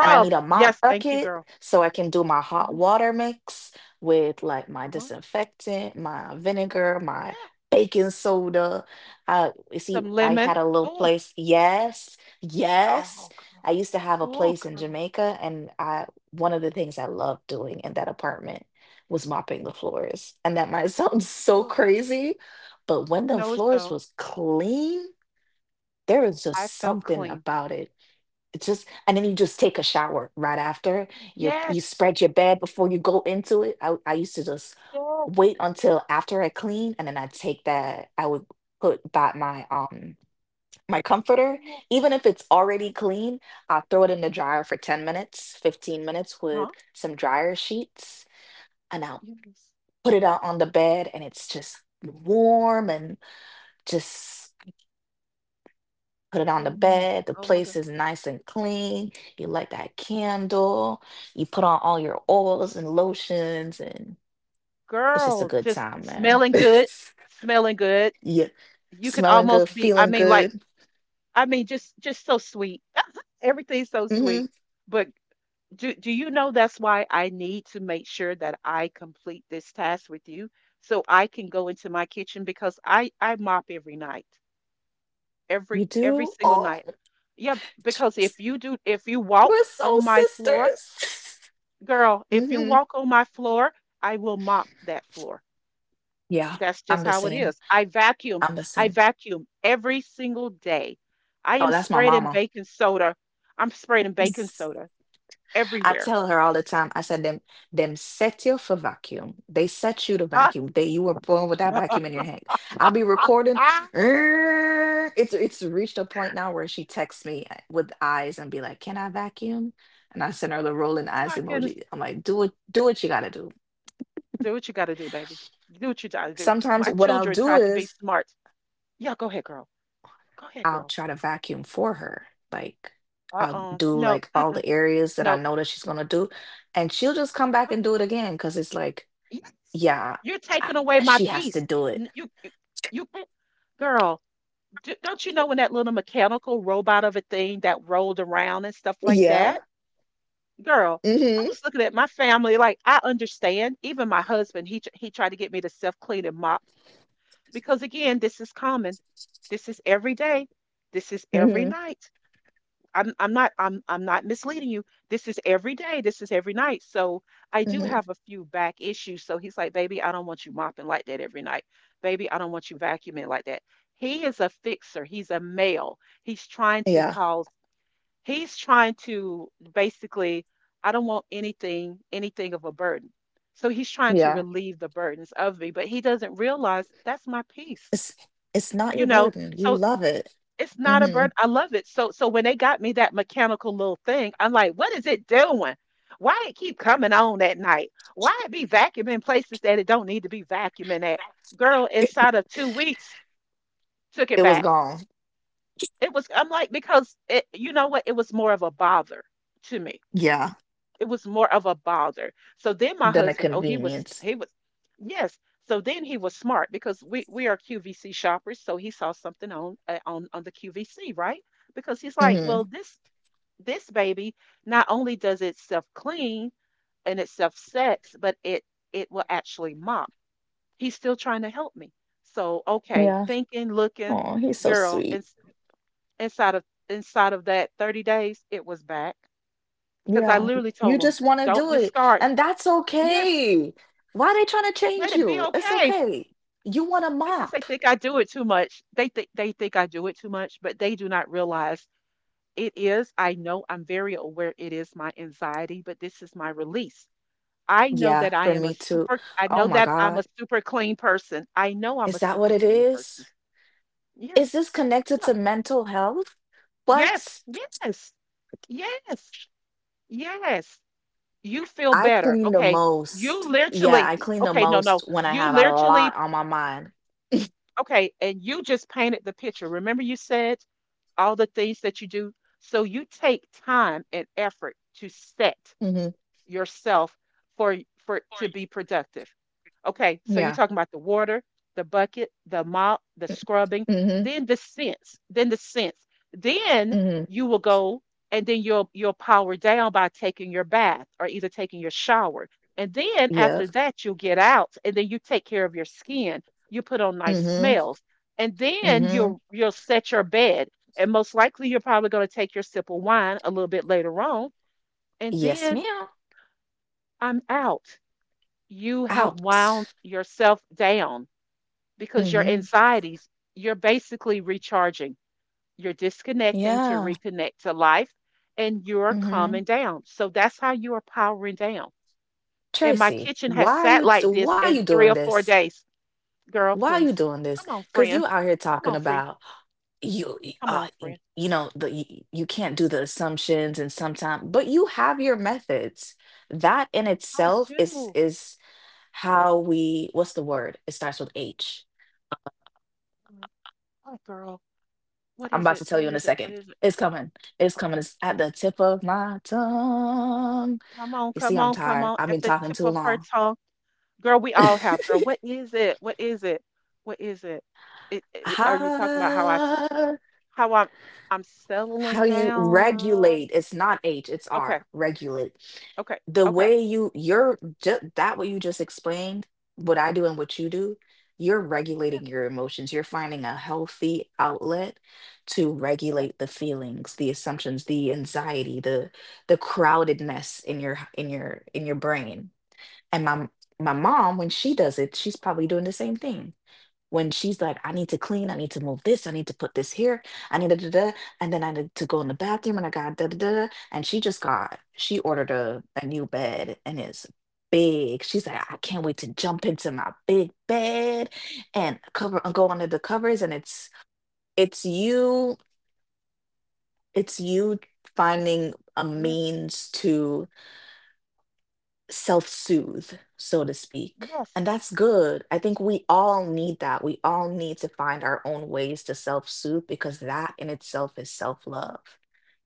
And I need a mop Yes, thank you, bucket girl. so I can do my hot Mhm, water mix with like my uh-huh. disinfectant, my vinegar, Yeah. my baking soda. Uh, you see, Some I lemon. had a little Oh, place. Yes, yes. oh, girl. I used to have a Oh, place in girl. Jamaica, and I one of the things I loved doing in that apartment was mopping the floors. And that might sound so Oh, crazy, but when the no, it's floors don't. was clean, there was I just felt something clean. about it it's just And then you just take a shower right after. You you Yes, spread your bed before you go into it. I I used to just yes, wait until after I clean, and then I take that I would put back my um my comforter. yes, yes. Even if it's already clean, I'll throw it in the dryer for ten minutes, fifteen minutes with Huh? some dryer sheets, and I'll Yes, put it out on the bed, and it's just warm and just put it on the yes. bed. The Oh my place God, is nice and clean. You light that candle. You put on all your oils and lotions, and it's just a girl, good just time, man. smelling good, smelling good. Yeah, You could smelling good, almost be. I feeling mean, like good. I mean, just just so sweet. Everything's so Hmm. sweet. But do do you know that's why I need to make sure that I complete this task with you so I can go into my kitchen because I I mop every night. Every You Every do? single Oh, night. Yeah, because if you do if you we're walk so on my floor, sisters. girl, if you Hmm. walk on my floor, I will mop that floor. Yeah, That's just I'm the how it same. is. I vacuum. I'm the I same. vacuum every single day. I Oh, am that's my sprayed in mama. baking soda. I'm sprayed in baking soda I everywhere. tell her all the time, I said them, them set you for vacuum. They set you to Ah, vacuum. They you were born with that vacuum in your hand. I'll be recording. ah, "Err." It's it's reached a point now where she texts me uh, with eyes and be like, Can I vacuum? And I send her the rolling oh eyes my goodness. emoji. I'm like, do what do what you gotta do. Do what you got to do, baby. Do what you got to do. Sometimes My what I'll children do tried to be is smart. Yeah, go ahead, girl. Go ahead, I'll girl. try to vacuum for her. Like I'll Uh-uh. do No. like all Mm-mm, the areas that I no. know that she's gonna do. And she'll just come back Uh-huh. and do it again because it's like. Yes. Yeah, You're I taking away my she has to peace. do it. N- You, you, you can't, girl. D don't you know when that little mechanical robot of a thing that rolled around and stuff like Yeah. that? Girl, I Mhm. was looking at my family like I understand. Even my husband, he tr- he tried to get me to self-clean and mop because again, this is common. This is every day. This is every Mhm. night. I'm I'm not I'm I'm not misleading you. This is every day. This is every night. So I do Mhm. have a few back issues. So he's like, baby, I don't want you mopping like that every night. Baby, I don't want you vacuuming like that. He is a fixer. He's a male. He's trying to Yeah. cause. He's trying to basically. I don't want anything anything of a burden. So he's trying to Yeah. relieve the burdens of me, but he doesn't realize that's my peace. It's it's not You your know. burden. You So love it. it's not a Mhm. burden. I love it. So so when they got me that mechanical little thing, I'm like, what is it doing? Why it keep coming on at night? Why it be vacuuming places that it don't need to be vacuuming at? Girl, inside of two weeks, took it It was back. gone. It was I'm like, because it you know what? It was more of a bother to me, Yeah. it was more of a bother. So then my Than a husband, oh, he was convenience. he was Yes. So then he was smart because we we are Q V C shoppers. So he saw something on uh, on on the Q V C, right? Because he's like, well, Mhm. this this baby not only does it self clean and it self sets, but it it will actually mop. He's still trying to help me. So okay, Yeah. thinking, looking, Oh, he's so girl, sweet. and inside of inside of that thirty days, it was back because I Yeah. Y- literally You told him, just want to don't do it, discard. and that's Yes, okay. Why they trying to change let it be you? It's okay okay. You want a because they mop. think I do it too much. They think they think I do it too much, but they do not realize it is. I know I'm very aware it is my anxiety, but this is my release. I know Yeah, that I for am a me too. super I Oh know my that I'm a God. super clean person. I know I'm Is a that what super it clean is? person. Is Yes. this connected Yeah. to mental health? Yes. What? Yes. Yes. Yes. You feel I better. clean the Okay. You most. Yeah, literally, I clean the okay, no, most no. when I You have a literally, lot on my mind. okay, and you just painted the picture. Remember you said all the things that you do. So you take time and effort to set Hmm. yourself for for to be productive. Okay, so you're Yeah. talking about the water, the bucket, the mop, the scrubbing, Mm-hmm. then the sense, then the sense. Then Mm-hmm. you will go and then you'll you'll power down by taking your bath or either taking your shower. And then after Yep. that you'll get out and then you take care of your skin. You put on nice Mm-hmm. smells. And then Mm-hmm. you'll you'll set your bed. And most likely you're probably going to take your sip of wine a little bit later on. And Yes, then ma'am. I'm out. You have Out. wound yourself down because your Mm-hmm. anxieties, you're basically recharging. You're disconnecting to Yeah. reconnect to life and you're Mm-hmm. calming down. So that's how you are powering down. And my Tracy, kitchen has why are sat you t- like this why are in you three doing or four this? days. Girl, Why are you please. doing this? Come on, Because friend. you out here Come talking on, friend. about you Come uh on, y- friend. you know the you, you can't do the assumptions and sometimes, but you have your methods, that in I itself is do. is how we. What's the word? It starts with h. Mm. Oh, girl. What I'm is about it? to tell What you in a is it? What second. is it? It's coming. it's Okay. Coming it's at the tip of my tongue. Come on, You see, come I'm on, come tired. on. I've At been the talking tip too of her long. tongue. Girl, we all have, girl. What is it? What is it? What is it? It, it are you talking about how I s- Ah, how I'm I'm settling how you down? regulate. It's not h, it's Okay. r. Regulate. Okay. The Okay. way you you're just that, what you just explained, what I do and what you do, you're Yeah. regulating your emotions. You're finding a healthy outlet to Okay. regulate the feelings, the assumptions, the anxiety, the the crowdedness in your in your in your brain. And my m- my mom, when she does it, she's probably doing the same thing. When she's like, I need to clean, I need to move this, I need to put this here, I need to da da, da, and then I need to go in the bathroom and I got da da da. Da," And she just got, she ordered a, a new bed, and it's big. She's like, I can't wait to jump into my big bed and cover and go under the covers. And it's it's you, it's you finding a Yes. means to self soothe, so to speak. Yes. And that's good. I think we all need that. We all need to find our own ways to self soothe, because that in itself is self love.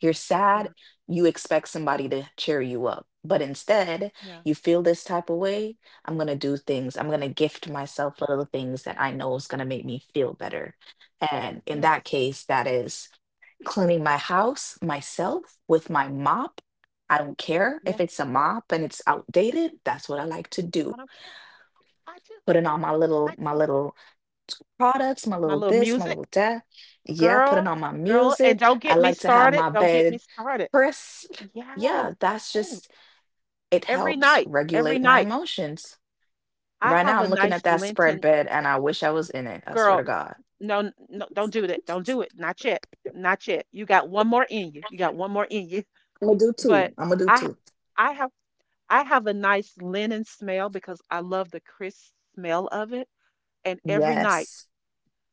You're sad, Yeah. you expect somebody to cheer you up. But instead, Yeah. you feel this type of way. I'm going to do things. I'm going to gift myself little things that I know is going to make me feel better. And in Yes. that case, that is cleaning my house myself with my mop. I don't care if Yes. it's a mop and it's outdated. That's what I like to I do. don't care. I do. Putting on my little I my do. little products, my My little little this, my music, little that. Yeah, putting girl. on my Girl, and music. don't I get me like to have started. my Don't get me bed started. crisp. Yes. Yeah, that's Ooh, just it every helps night. Every regulate my night. emotions. I Right now have a I'm looking at nice that spread Linton, bed and I wish I was in it. I swear to girl. God. No, n- no, don't do that. Don't do it. Not yet. Not yet. You got one more in you. You got one more in you. I'm gonna do two. But I'm gonna do I, two. I have I have a nice linen smell because I love the crisp smell of it. And every night Yes.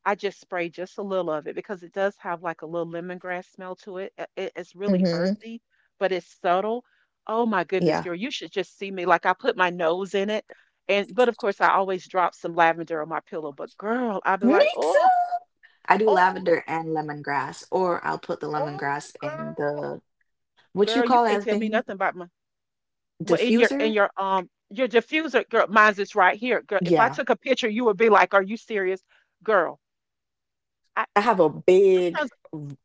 I just spray just a little of it because it does have like a little lemongrass smell to it. Uh, it- It's really Mm-hmm. earthy, but it's subtle. Oh my goodness, Yeah. girl, you should just see me. Like I put my nose in it. And but of course I always drop some lavender on my pillow. But girl, I'll be Me like, oh, too. I do oh. lavender and lemongrass, or I'll put the Oh, lemongrass in girl, the. What you girl, you call can't that tell me thing? nothing about my. Well, in your Diffuser? in your um your diffuser, girl, mine's is right here, girl. If I Yeah. took a picture, you would be like, "Are you serious, girl?" I I have a big sometimes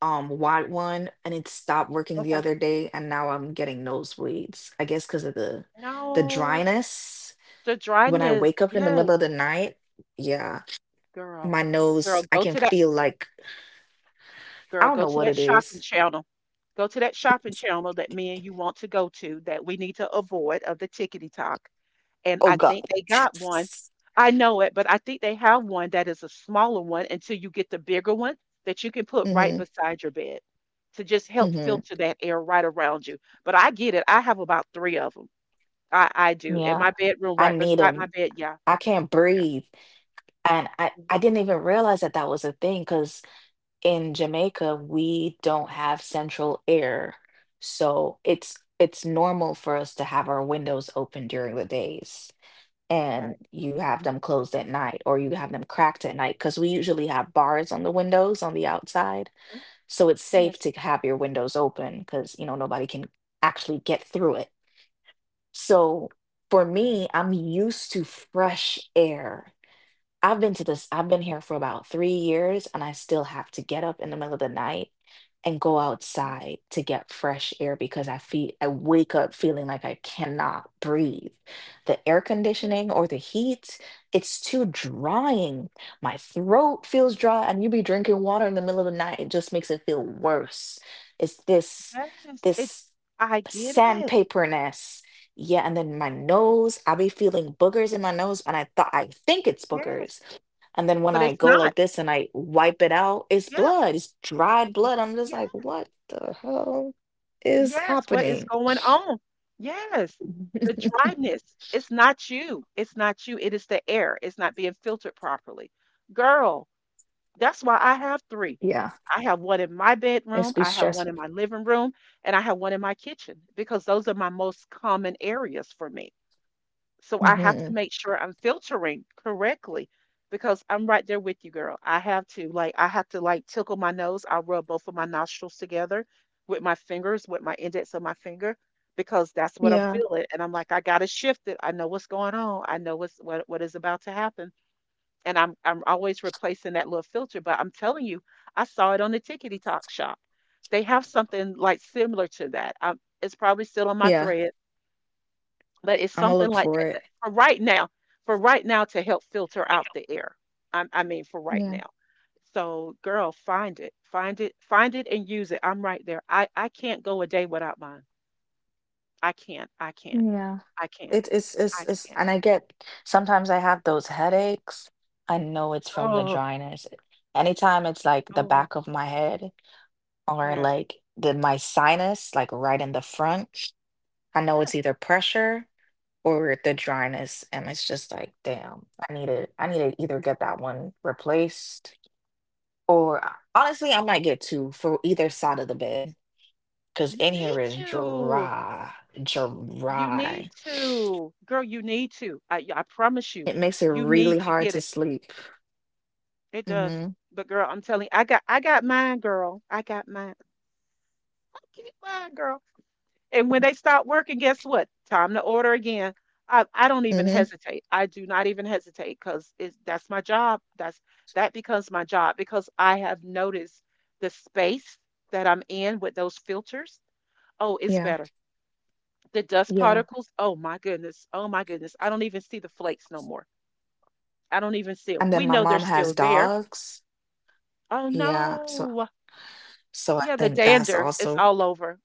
um wide one, and it stopped working the okay. other day and now I'm getting nosebleeds. I guess because of the the No, dryness. the When I dryness. wake up in the Yes, middle of the night, yeah, girl, my girl, nose, I go can to that feel like I girl, don't go know to what that it shopping is. channel. Go to that shopping channel that me and you want to go to that we need to avoid of the tickety talk, and Oh I think God. they got one. I know it, but I think they have one that is a smaller one until you get the bigger one that you can put right Mm-hmm. beside your bed to just help Mm-hmm. filter that air right around you. But I get it. I have about three of them. I, I do in Yeah. my bedroom, I right need beside my them. bed. Yeah, I can't yeah. breathe. And I, Mhm. I didn't even realize that that was a thing, because in Jamaica, we don't have central air. So it's it's normal for us to have our windows open during the days, Okay. and you have them closed at night, or you have them cracked at night because we usually have bars on the windows on the outside. Mhm. So it's safe Yes. to have your windows open because, you know, nobody can actually get through it. So for Um, me, I'm used to fresh air. I've been to this, I've been here for about three years, and I still have to get up in the middle of the night and go mhm, outside to get fresh air because I feel I wake up feeling like I cannot breathe. The air yeah, conditioning or the heat, it's too drying. My throat feels yes. dry, and you be drinking water in the middle of the night, it just makes it feel worse. It's this Yes. It. this I get it. sandpaperness. Yeah, and then my Yes. nose, I be feeling boogers in my nose, and I thought I think it's boogers, Yes. and then when But I it's go not. like this and I wipe it out, it's Yes. blood, it's dried blood. I'm just Yes. like, what the hell is Yes, what is happening? going on? Yes. The dryness. It's not you. It's not you. It is the air. It's not being filtered properly. Girl, that's why I have three. Yeah, I have one in my it's bedroom, be I have one in stressful. my living room, and I have one in my kitchen because those are my most common areas for me. So I have to Hmm. make sure I'm filtering correctly because I'm right there with you, girl. I have to like I have to like tickle my nose. I rub both of my nostrils together with my fingers, with my index of my finger, because that's what I'm Yeah, feeling. And I'm like, I gotta shift it. I know what's going on. I know what's what what is about to happen. And I'm I'm always replacing that little filter. But I'm telling you, I saw it on the tickety talk shop. They have something like similar to that. Um it's probably still on my yeah. thread but it's I'm gonna something look like for that, it. that for right now, for right now to help filter out the air. I, I mean, for right Yeah, now. So, girl, find it, find it, find it, and use it. I'm right there. I I can't go a day without mine. I can't. I can't. yeah. I can't. It, it's it's I it's can't. and I get sometimes I have those headaches. I know it's from the Oh, dryness. Anytime it's like the oh, back of my head or yes, like the my sinus, like right in the front, I know yes. it's either pressure or the dryness, and it's just like damn. i need to I need to either get that one replaced, or I- honestly I might get two for either side of the bed because in You here need is to. dry You need dry. to, girl. You need to. I I promise you. It makes it You need really to hard get to it. sleep. It does. Hmm. But girl, I'm telling you, I got I got mine, girl. I got mine. Keep fine, girl. And when they stop working, guess what? Time to order again. I, I don't even Hmm. hesitate. I do not even hesitate because it's that's my job. That's that becomes my job because I have noticed the space that I'm in with those filters. Oh, it's Yeah. better. The dust Yeah. particles. Oh my goodness. Oh my goodness. I don't even see the flakes no more. I don't even see 'em. And We then my know they're mom has still there. dogs, Oh yeah, so no. so I Yeah, the think that's dander is also all over.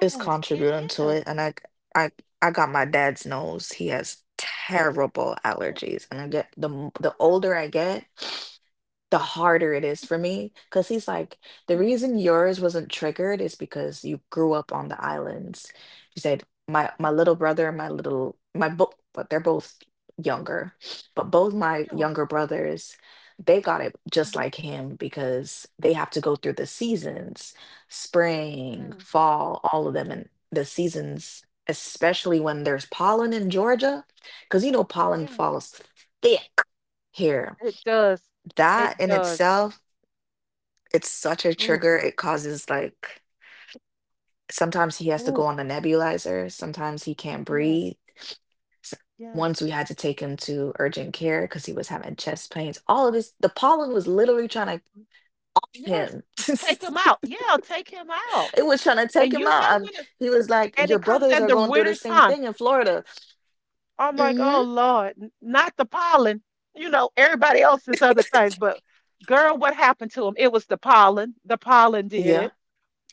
is it contributing to is. it. And I I I got my dad's nose. He has terrible Yeah. allergies, and I get the m- the No. older I get, the harder it is for me. Because he's like, the Yeah, reason yours wasn't triggered is because you grew up on the islands. He said, my yeah, my little brother and my little my both, but they're both younger, but both my yeah. younger brothers, they got it just Mhm, like him because they have to go through the seasons, spring, mm, fall, all of them, and the seasons. Especially when there's pollen in Georgia, because you know pollen yeah. falls thick here, It does. It that in does. itself, it's such a Oh, trigger. girl. It causes like sometimes he has to go Oh, on the nebulizer, sometimes he can't yes, breathe. S- yes, Once we had to take him to urgent care because he was having chest pains. All of this, the pollen was literally trying to mm, kill yes. him. Take him out. Yeah, take him out. It was trying to take And him you out. know Um, when it, He was like, and "Your it comes brothers at are the going through the winter's same time. thing in Florida." I'm like, Mm-hmm. oh Lord, n- not the pollen. You know, everybody else is other things, but girl, what happened to him? It was the pollen. The pollen did Yeah. it.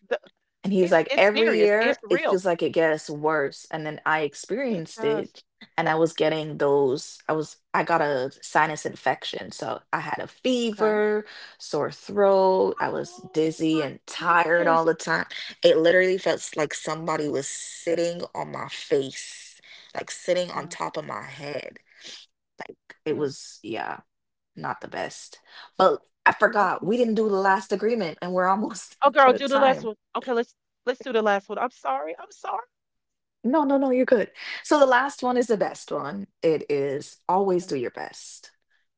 The, And he was it's like, it's every serious. year It's it real. feels like it gets worse. And then I It experienced does. it, and I was getting those, I was, I got a sinus infection. So I had a Okay. fever, sore throat. I was Oh dizzy my and tired all goodness. the time. It literally felt s- like somebody was sitting on my face, like sitting on top of my head. Like it Yeah, was, yeah, not the best. But I I forgot, can we didn't believe do the that. last agreement and we're almost Oh, girl, out of do the last time. one. Okay, let's let's do the last one. I'm sorry. I'm sorry. No, no, no, you're good. So the last one is the best one. It is always Okay. do your best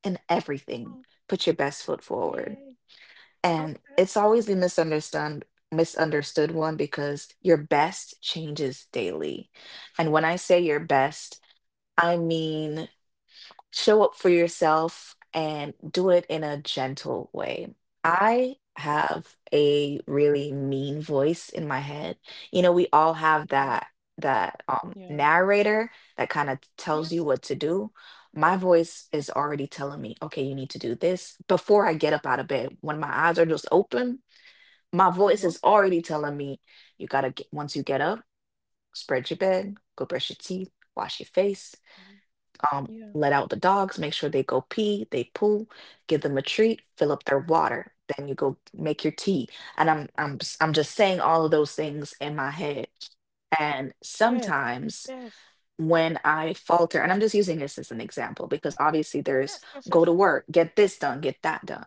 in everything. Oh, Put your best foot forward. yay. And Okay. it's always the misunderstood misunderstood one because your best changes daily. And when I say your best, I mean show up for yourself and do it in a gentle way. I have a really mean voice in my head. You know, we all have Okay. that that um Yeah. narrator that kind of tells Yes. you what to do. My voice is Yes. already telling me, okay, you need to do this before I get up out of bed. When my eyes are just open, my voice Uh-huh. is already telling me, you gotta get, once you get up, spread your bed, go brush your teeth, wash your face, Mhm. um, Yeah. let out the dogs, make sure they go pee, they poo, give them a treat, fill up their water. Then you go make your tea. And I'm I'm s- I'm just saying all of those things in my head. And Yes. sometimes Yes. when I falter, and I'm just using this as an example because obviously there's Yes. Yes. Yes. go to work, get this done, get that done.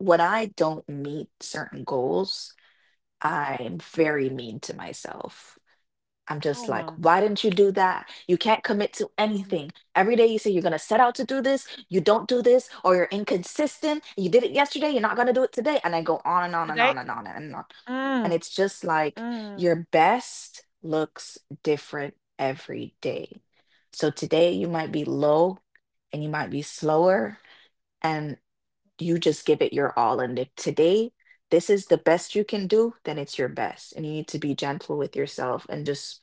When I don't meet certain goals, I'm Mhm. very mean to myself. I'm Oh just like, my. why didn't you do that? You can't commit to Um. anything. Every day you say you're going to set out to do this, you don't do this, or you're inconsistent. You did it yesterday, you're not going to do it today. And I go on and on and on Today. and on and on. And Mm. it's just like Mm. your best looks different every day. So today you might be low and you might be slower, and you just give it your all. And if today this is the best you can do, then it's your best. And you need to be gentle with yourself and just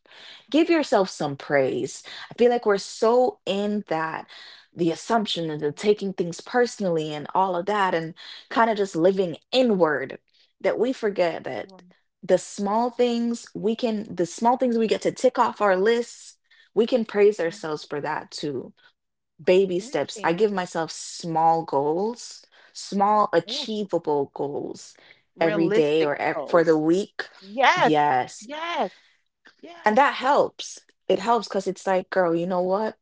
give yourself some praise. I feel like we're so in that the assumption and Yeah, the taking things personally and all of that, and kind of just living inward, that we forget that right, the small things we can, the small things we get to tick off our lists, we can praise yeah, ourselves for that too. Baby we steps. I can. give myself small goals, small Oh, r- achievable goals every day realistic or ev- for the goals. week. Yes. Yes. Yes. And that Yes. helps. It helps because it's like, girl, you know what?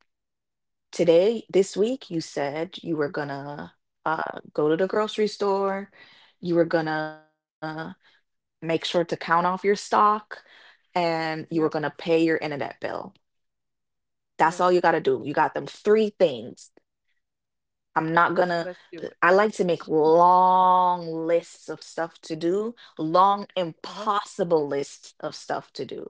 Today, this week, you said you were gonna uh, go to the grocery store, you were gonna make sure to count off your stock, and you were gonna Yep. pay your internet bill. That's all you Yes. gotta do. You got them three things. I'm not gonna, Let's do it. I like to make long lists of stuff to do, long, impossible lists of stuff to do.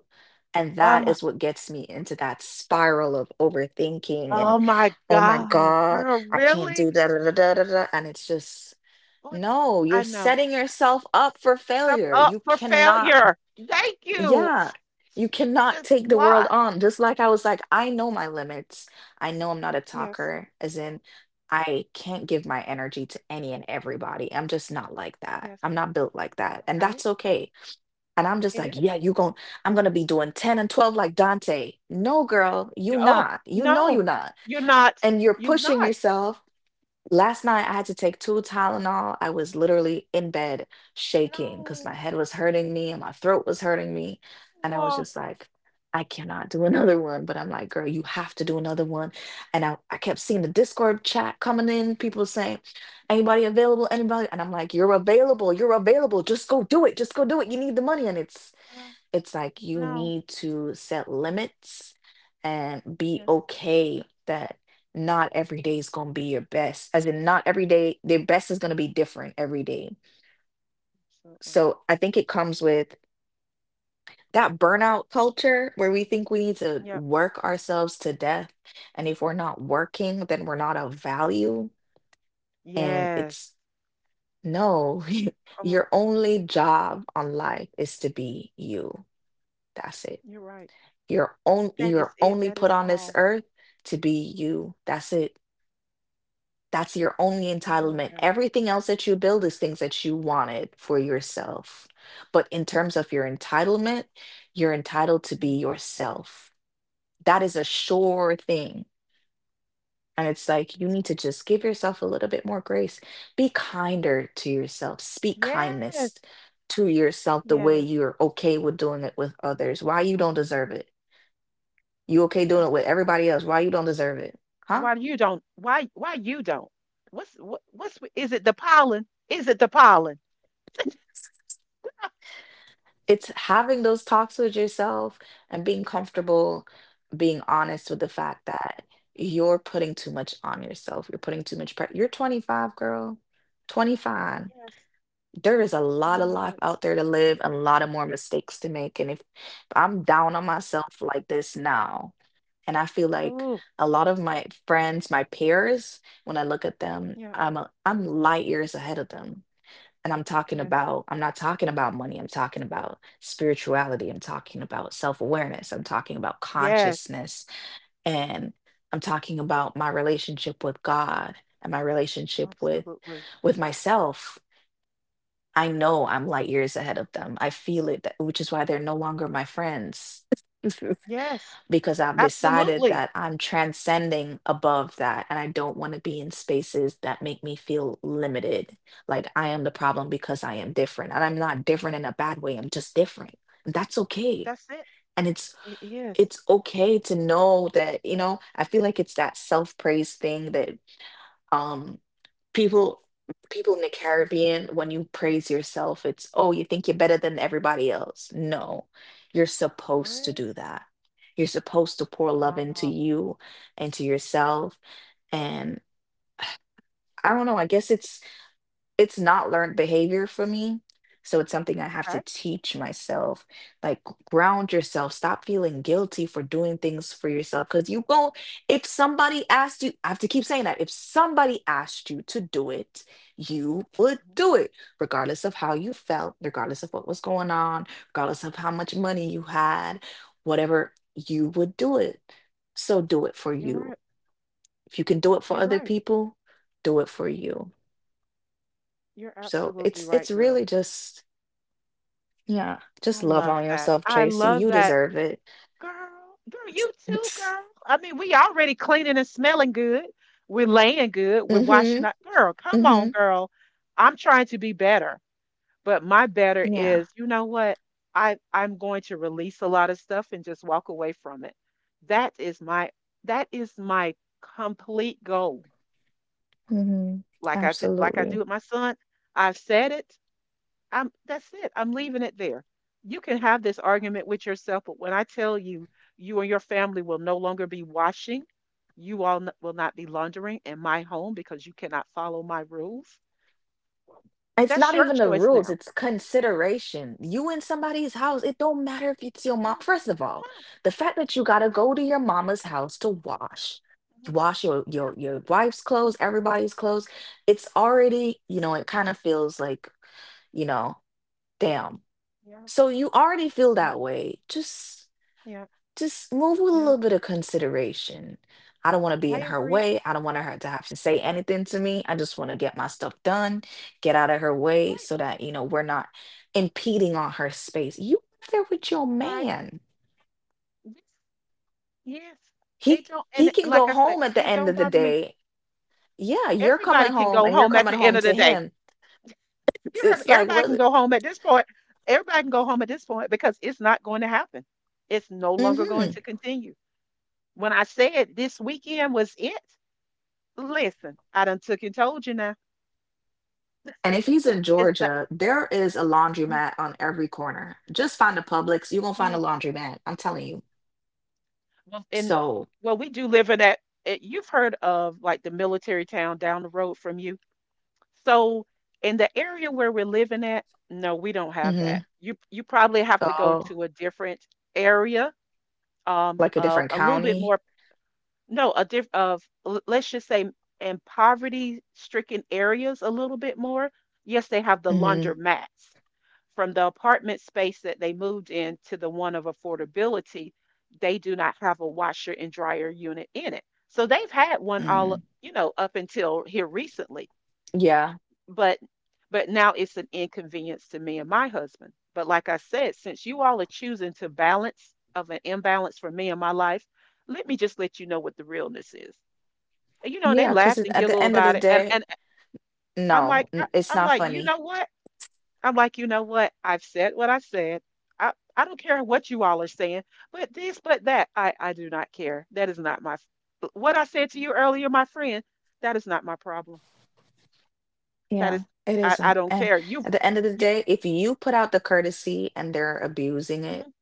And that Uh-huh. is what gets me into that spiral of overthinking and, Oh my oh my god, God, girl, I can't really? do da da da da da. Da," And it's just, Like, no, I you're know. setting yourself up for Stuff failure. up You for cannot. failure. Thank you. Yeah, S- you s- cannot Just take the world what? on. Just like I was like, I know my limits. I know I'm not a Yes, talker, as in, I can't give my energy to any and everybody. I'm just not like that. yes. I'm not built like that. And Okay, that's okay. And I'm just it like, yeah, is. you gon' I'm gonna be doing ten and twelve like Dante. No, girl, Y- you Oh, not. You know no, you not. you're not. And you're You're pushing not. yourself. Last night, I had to take two Tylenol. I was literally in bed shaking because my No. head was hurting me and my throat was hurting me. And I was Whoa. just like, I cannot do another one. But I'm like, girl, you have to do another one. And I, I kept seeing the Discord chat coming in, people saying, anybody available? Anybody? And I'm like, you're available. You're available. Just go do it. Just go do it. You need the money. And it's No. it's like you No. need to set limits and be Yes, okay that not every day is going to be your best, as in not every day their best is going to be different every day. absolutely. So I think it comes with that burnout culture where we think we need to Yep. work ourselves to death, and if we're not working then we're not of value. And Yes. it's no, Oh my, your only job on life is to be you. That's it. you're right. You're on, That is You're it. only That put is on this all. earth to be you. That's it. That's your only I love entitlement. that. Everything else that you build is things that you wanted for yourself. But in terms of your entitlement, you're entitled to Mm. be yourself. That is a sure thing. And it's like you need to just give yourself a little bit more grace. Be kinder to yourself. Speak kindness Yes. to yourself the way Yes. you're okay with doing it with others. Why you don't deserve it? You okay doing Yes. it with everybody else? Why you don't deserve it? Huh? Why you don't? Why why you don't? What's what, what's with- Is it the pollen? Is it the pollen? It's having those talks with yourself and being comfortable being honest with the fact that you're putting too much on yourself. You're putting too much pressure. You're twenty-five, girl. twenty-five. Yes, There is a I lot of know life it. out there to live, a lot of more mistakes to make. And if I'm down on myself like this now, and I feel like Oh, a lot of my friends, my peers, when I look at them, yeah, I'm a, I'm light years ahead of them. And I'm talking yes, about, I'm not talking about money. I'm talking about spirituality. I'm talking about self awareness. I'm talking about yes, consciousness. And I'm talking about my relationship with God and my relationship with absolutely. with myself. I know I'm light years ahead of them. I feel it, that- which is why they're no longer my friends. Yes, Because I've decided absolutely. that I'm transcending above that and I don't want to be in spaces that make me feel limited. Like I am the problem because I am different. And I'm not different in a bad way. I'm just different. That's okay. That's it. And it's It is. it's okay to know that, you know, I feel like it's that self-praise thing that um people people in the Caribbean, when you praise yourself, it's oh, you think you're better than everybody else. No, you're supposed to What? do that. You're supposed to pour love into Wow. you and to yourself. And I don't know, I guess it's it's not learned behavior for me. So it's something I have to Okay. teach myself. Like ground yourself. Stop feeling guilty for doing things for yourself. Cause you go, if somebody asked you, I have to keep saying that. If somebody asked you to do it, you would Mhm. do it, regardless of how you felt, regardless of what was going on, regardless of how much money you had, whatever, you would do it. So do it for You're you. right. If you can do it for You're other right. people, do it for you. You're So absolutely it's right, it's girl. really just yeah, I just love love on that. yourself, I Tracy. love You that. deserve it. Girl, girl, you too, girl. I mean, we already cleaning and smelling good. We're laying good. We're washing Mhm. up. Girl, come on, Mhm. girl. I'm trying to be better, but my better Yeah. is, you know what? I I'm going to release a lot of stuff and just walk away from it. That is my that is my complete goal. Mhm. Like I t- like I do Absolutely. with my son. I've said it. I'm That's it. I'm leaving it there. You can have this argument with yourself, but when I tell you, you and your family will no longer be washing, you all n- will not be laundering in my home because you cannot follow my rules. It's That's not your even the choice rules, now. it's consideration. You in somebody's house, it don't matter if it's your mom. Mm, First of all, the fact that you gotta yeah, go to your mama's house to wash, yeah, mhm, wash your your yeah, your wife's clothes, everybody's clothes, it's already, you know, it kind of feels like, you know, damn. yeah, So you already feel yeah, that way. Just yeah, just move with a yeah. little bit of consideration. I don't want to be I in her agree. way. I don't want her to have to say anything to me. I just want to get my stuff done, get out of her You're way right. so that, you know, we're not impeding on her space. You live there with your Right. man. Yes. Yes. He It don't, and he it- can go like I said, home at the it end don't of the bother me. day. Yeah, you're coming Everybody can home go and you're home at coming the end home of to the day. him. It's, You heard me. it's like Everybody can what go home at this point. Everybody can go home at this point because it's not going to happen. It's no longer going hmm. to continue. When I said this weekend was it, listen, I done took and told you now. And if he's in It's not. Georgia, there is a Yeah, laundromat on every corner. Just find a Publix. You're gonna find a yeah. laundromat. I'm telling you. Well, and So well, we do live in that. eh, You've heard of like the military town down the road from you. So in the area where we're living at, no, we don't have that. mhm. You you probably have to go Oh, to a different area, um, like a uh, different a little bit county? more. No, a diff of l- let's just say in poverty-stricken areas a little bit more. Yes, they have the Mhm, laundromats. From the apartment space that they moved in to the one of affordability, they do not have a washer and dryer unit in it. So they've had one mm, all, you know, up until here recently, yeah, but but now it's an inconvenience to me and my husband. But like I said, since you all are choosing to balance of an imbalance for me in my life, let me just let you know what the realness is. And, you know, they yeah, 'cause laughed it and at the giggled end of the about it. And day and I'm no, like, I, n it's I'm not like, you funny. know what? I'm like, you know what? I've said what I said. I, I don't care what you all are saying, but this, but that, I, I do not care. That is not my, f- What I said to you earlier, my friend, that is not my problem. That Yeah, is, it I, I isn't, don't and care. You've, at the end of the you, day, if you put out the courtesy and they're abusing Mhm, it, mhm,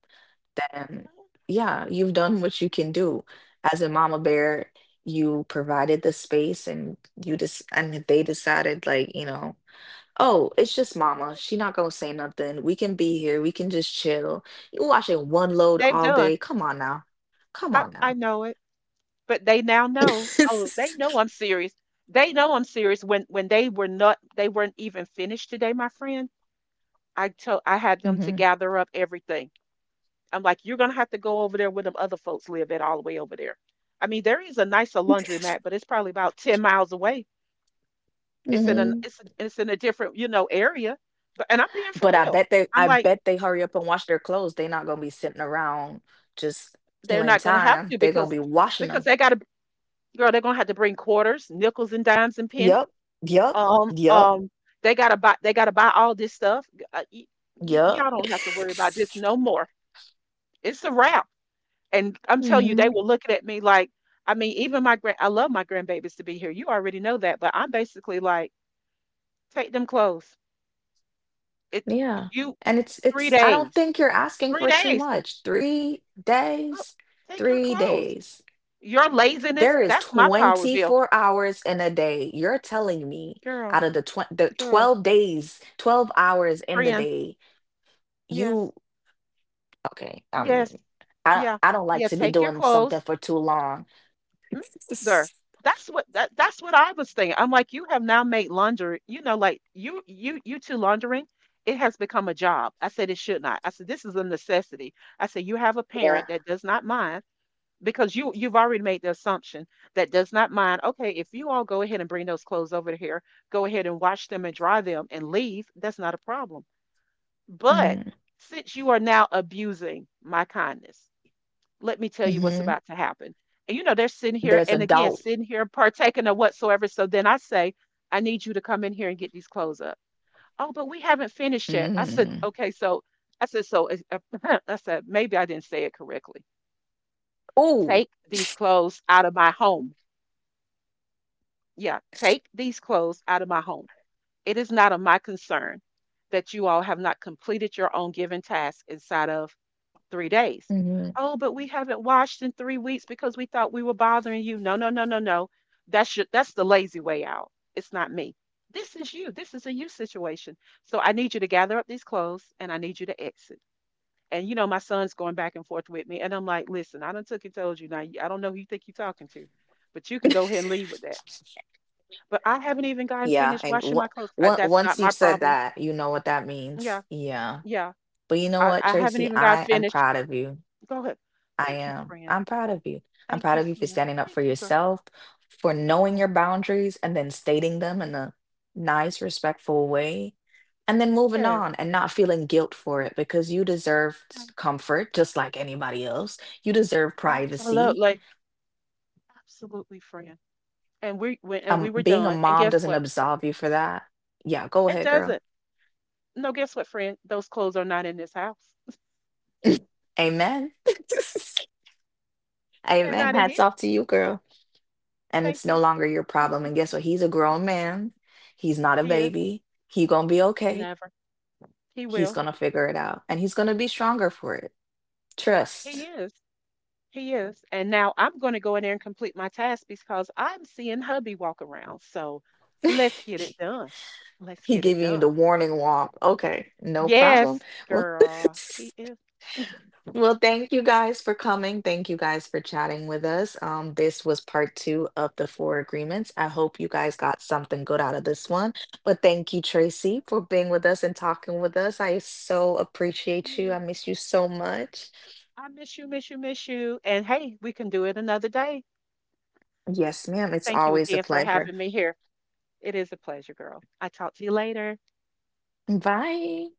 then, yeah, you've done what you can do. As a mama bear, you provided the space and you just and they decided, like, you know, oh, it's just mama. mhm. She not gonna say nothing. We can be here. We can just chill. You watching one That's what load they've all done. day. Come on now. Come I, on I now. know it, but they now know, oh, they know I'm serious. They know I'm serious when, when they were not, they weren't even finished today, my friend. I told I had them to Hmm. gather up everything. I'm like, you're gonna have to go over there where them other folks live at all the way over there. I mean, there is a nicer laundromat, but it's probably about ten miles away. It's in a hmm. It's a, it's in a different, you know, area. But and I'm being for But I real. bet they I'm I like, bet they hurry up and wash their clothes. They not gonna be sitting around just they're killing not gonna have time. to They're gonna because be washing because them. they gotta girl, they're gonna have to bring quarters, nickels and dimes and pennies. Yep. Yep. Um, Yep. um, they gotta buy they gotta buy all this stuff. Uh, y- y- Yep. Y'all don't have to worry about this no more. It's a wrap. And I'm telling you, they Hmm. were looking at me like, I mean, even my grand, I love my grandbabies to be here. You already know that, but I'm basically like, take them clothes. It Yeah. you And it's three it's I don't days, think you're asking three for too days. much. three Oh, days, take your three clothes. days. Your laziness, There is that's my power bill. twenty-four hours in a day. You're telling me Girl, out of the tw- the girl, twelve days, twelve hours in the friend. day, Yes, you okay, I yes, mean, I yeah, I don't like yeah. to be Take your doing something clothes. for too long. Mm, either. That's what that that's what I was thinking. I'm like, you have now made laundry, you know, like you you you two laundering, it has become a job. I said it should not. I said this is a necessity. I said you have a Yeah. parent that does not mind because you you've already made the assumption that does not mind. Okay, if you all go ahead and bring those clothes over here, go ahead and wash them and dry them and leave, that's not a problem. But Mhm. since you are now abusing my kindness, let me tell you what's Mhm. about to happen. And you know, they're sitting here There's a and again, doubt. sitting here partaking of whatsoever. So then I say, I need you to come in here and get these clothes up. Oh, but we haven't finished yet. I said, Mhm. okay, so I said, so is- I said, maybe I didn't say it correctly. Ooh. Take these clothes out of my home. Yeah, take these clothes out of my home. It is not of my concern that you all have not completed your own given task inside of three days. Mhm. Oh, but we haven't washed in three weeks because we thought we were bothering you. No, no, no, no, no. That's your, that's the lazy way out. It's not me. This is you. This is a you situation. So I need you to gather up these clothes and I need you to exit. And you know, my son's going back and forth with me. And I'm like, listen, I done took and told you now. you- I don't know who you think you're talking to, but you can go ahead and leave with that. But I haven't even gotten Yeah, finished and washing my what clothes. Uh, what that's not once my you've said problem. that, you know what that means. Yeah, Yeah. yeah. But you know I, what, I haven't Tracy? even got I am finished. proud of you. Go ahead. I Thank you, am. friend. I'm proud of you. I'm Thank proud you, of you for friend. standing up Thank for you, girl. yourself, for knowing Oh, your boundaries and then stating them in yes. a nice, respectful way, and then moving Yeah, on and not feeling guilt for it because you deserve s- yeah, comfort just like anybody else. You deserve privacy. absolutely. Absolutely, friend. And we went and we Um, were being a done. And mom guess doesn't what? absolve you for that. Yeah, go It ahead, girl. doesn't. No, guess what, friend? Those clothes are not in this house. Amen. They're Amen. not in here. Hats off to you, girl. And Thank it's no you. longer your Thank problem. you. And guess what? He's a grown man. He's not a He is. baby. He gonna be okay. Never. He He's will. gonna figure it out. And he's gonna be stronger for it. He Trust. is. He is. And now I'm going to go in there and complete my task because I'm seeing hubby walk around. So let's get it done. Let's He get it giving you the done. warning walk. Okay, no problem. Yes, Well girl. He is. well, thank you guys for coming. Thank you guys for chatting with us. Um, this was part two of the four agreements. I hope you guys got something good out of this one. But thank you, Tracy, for being with us and talking with us. I so appreciate you. I You. miss you so much. I miss you, miss you, miss you. And hey, we can do it another day. Yes, ma'am. It's Thank you always a again for pleasure. having me here. It is a pleasure, girl. I talk to you later. Bye.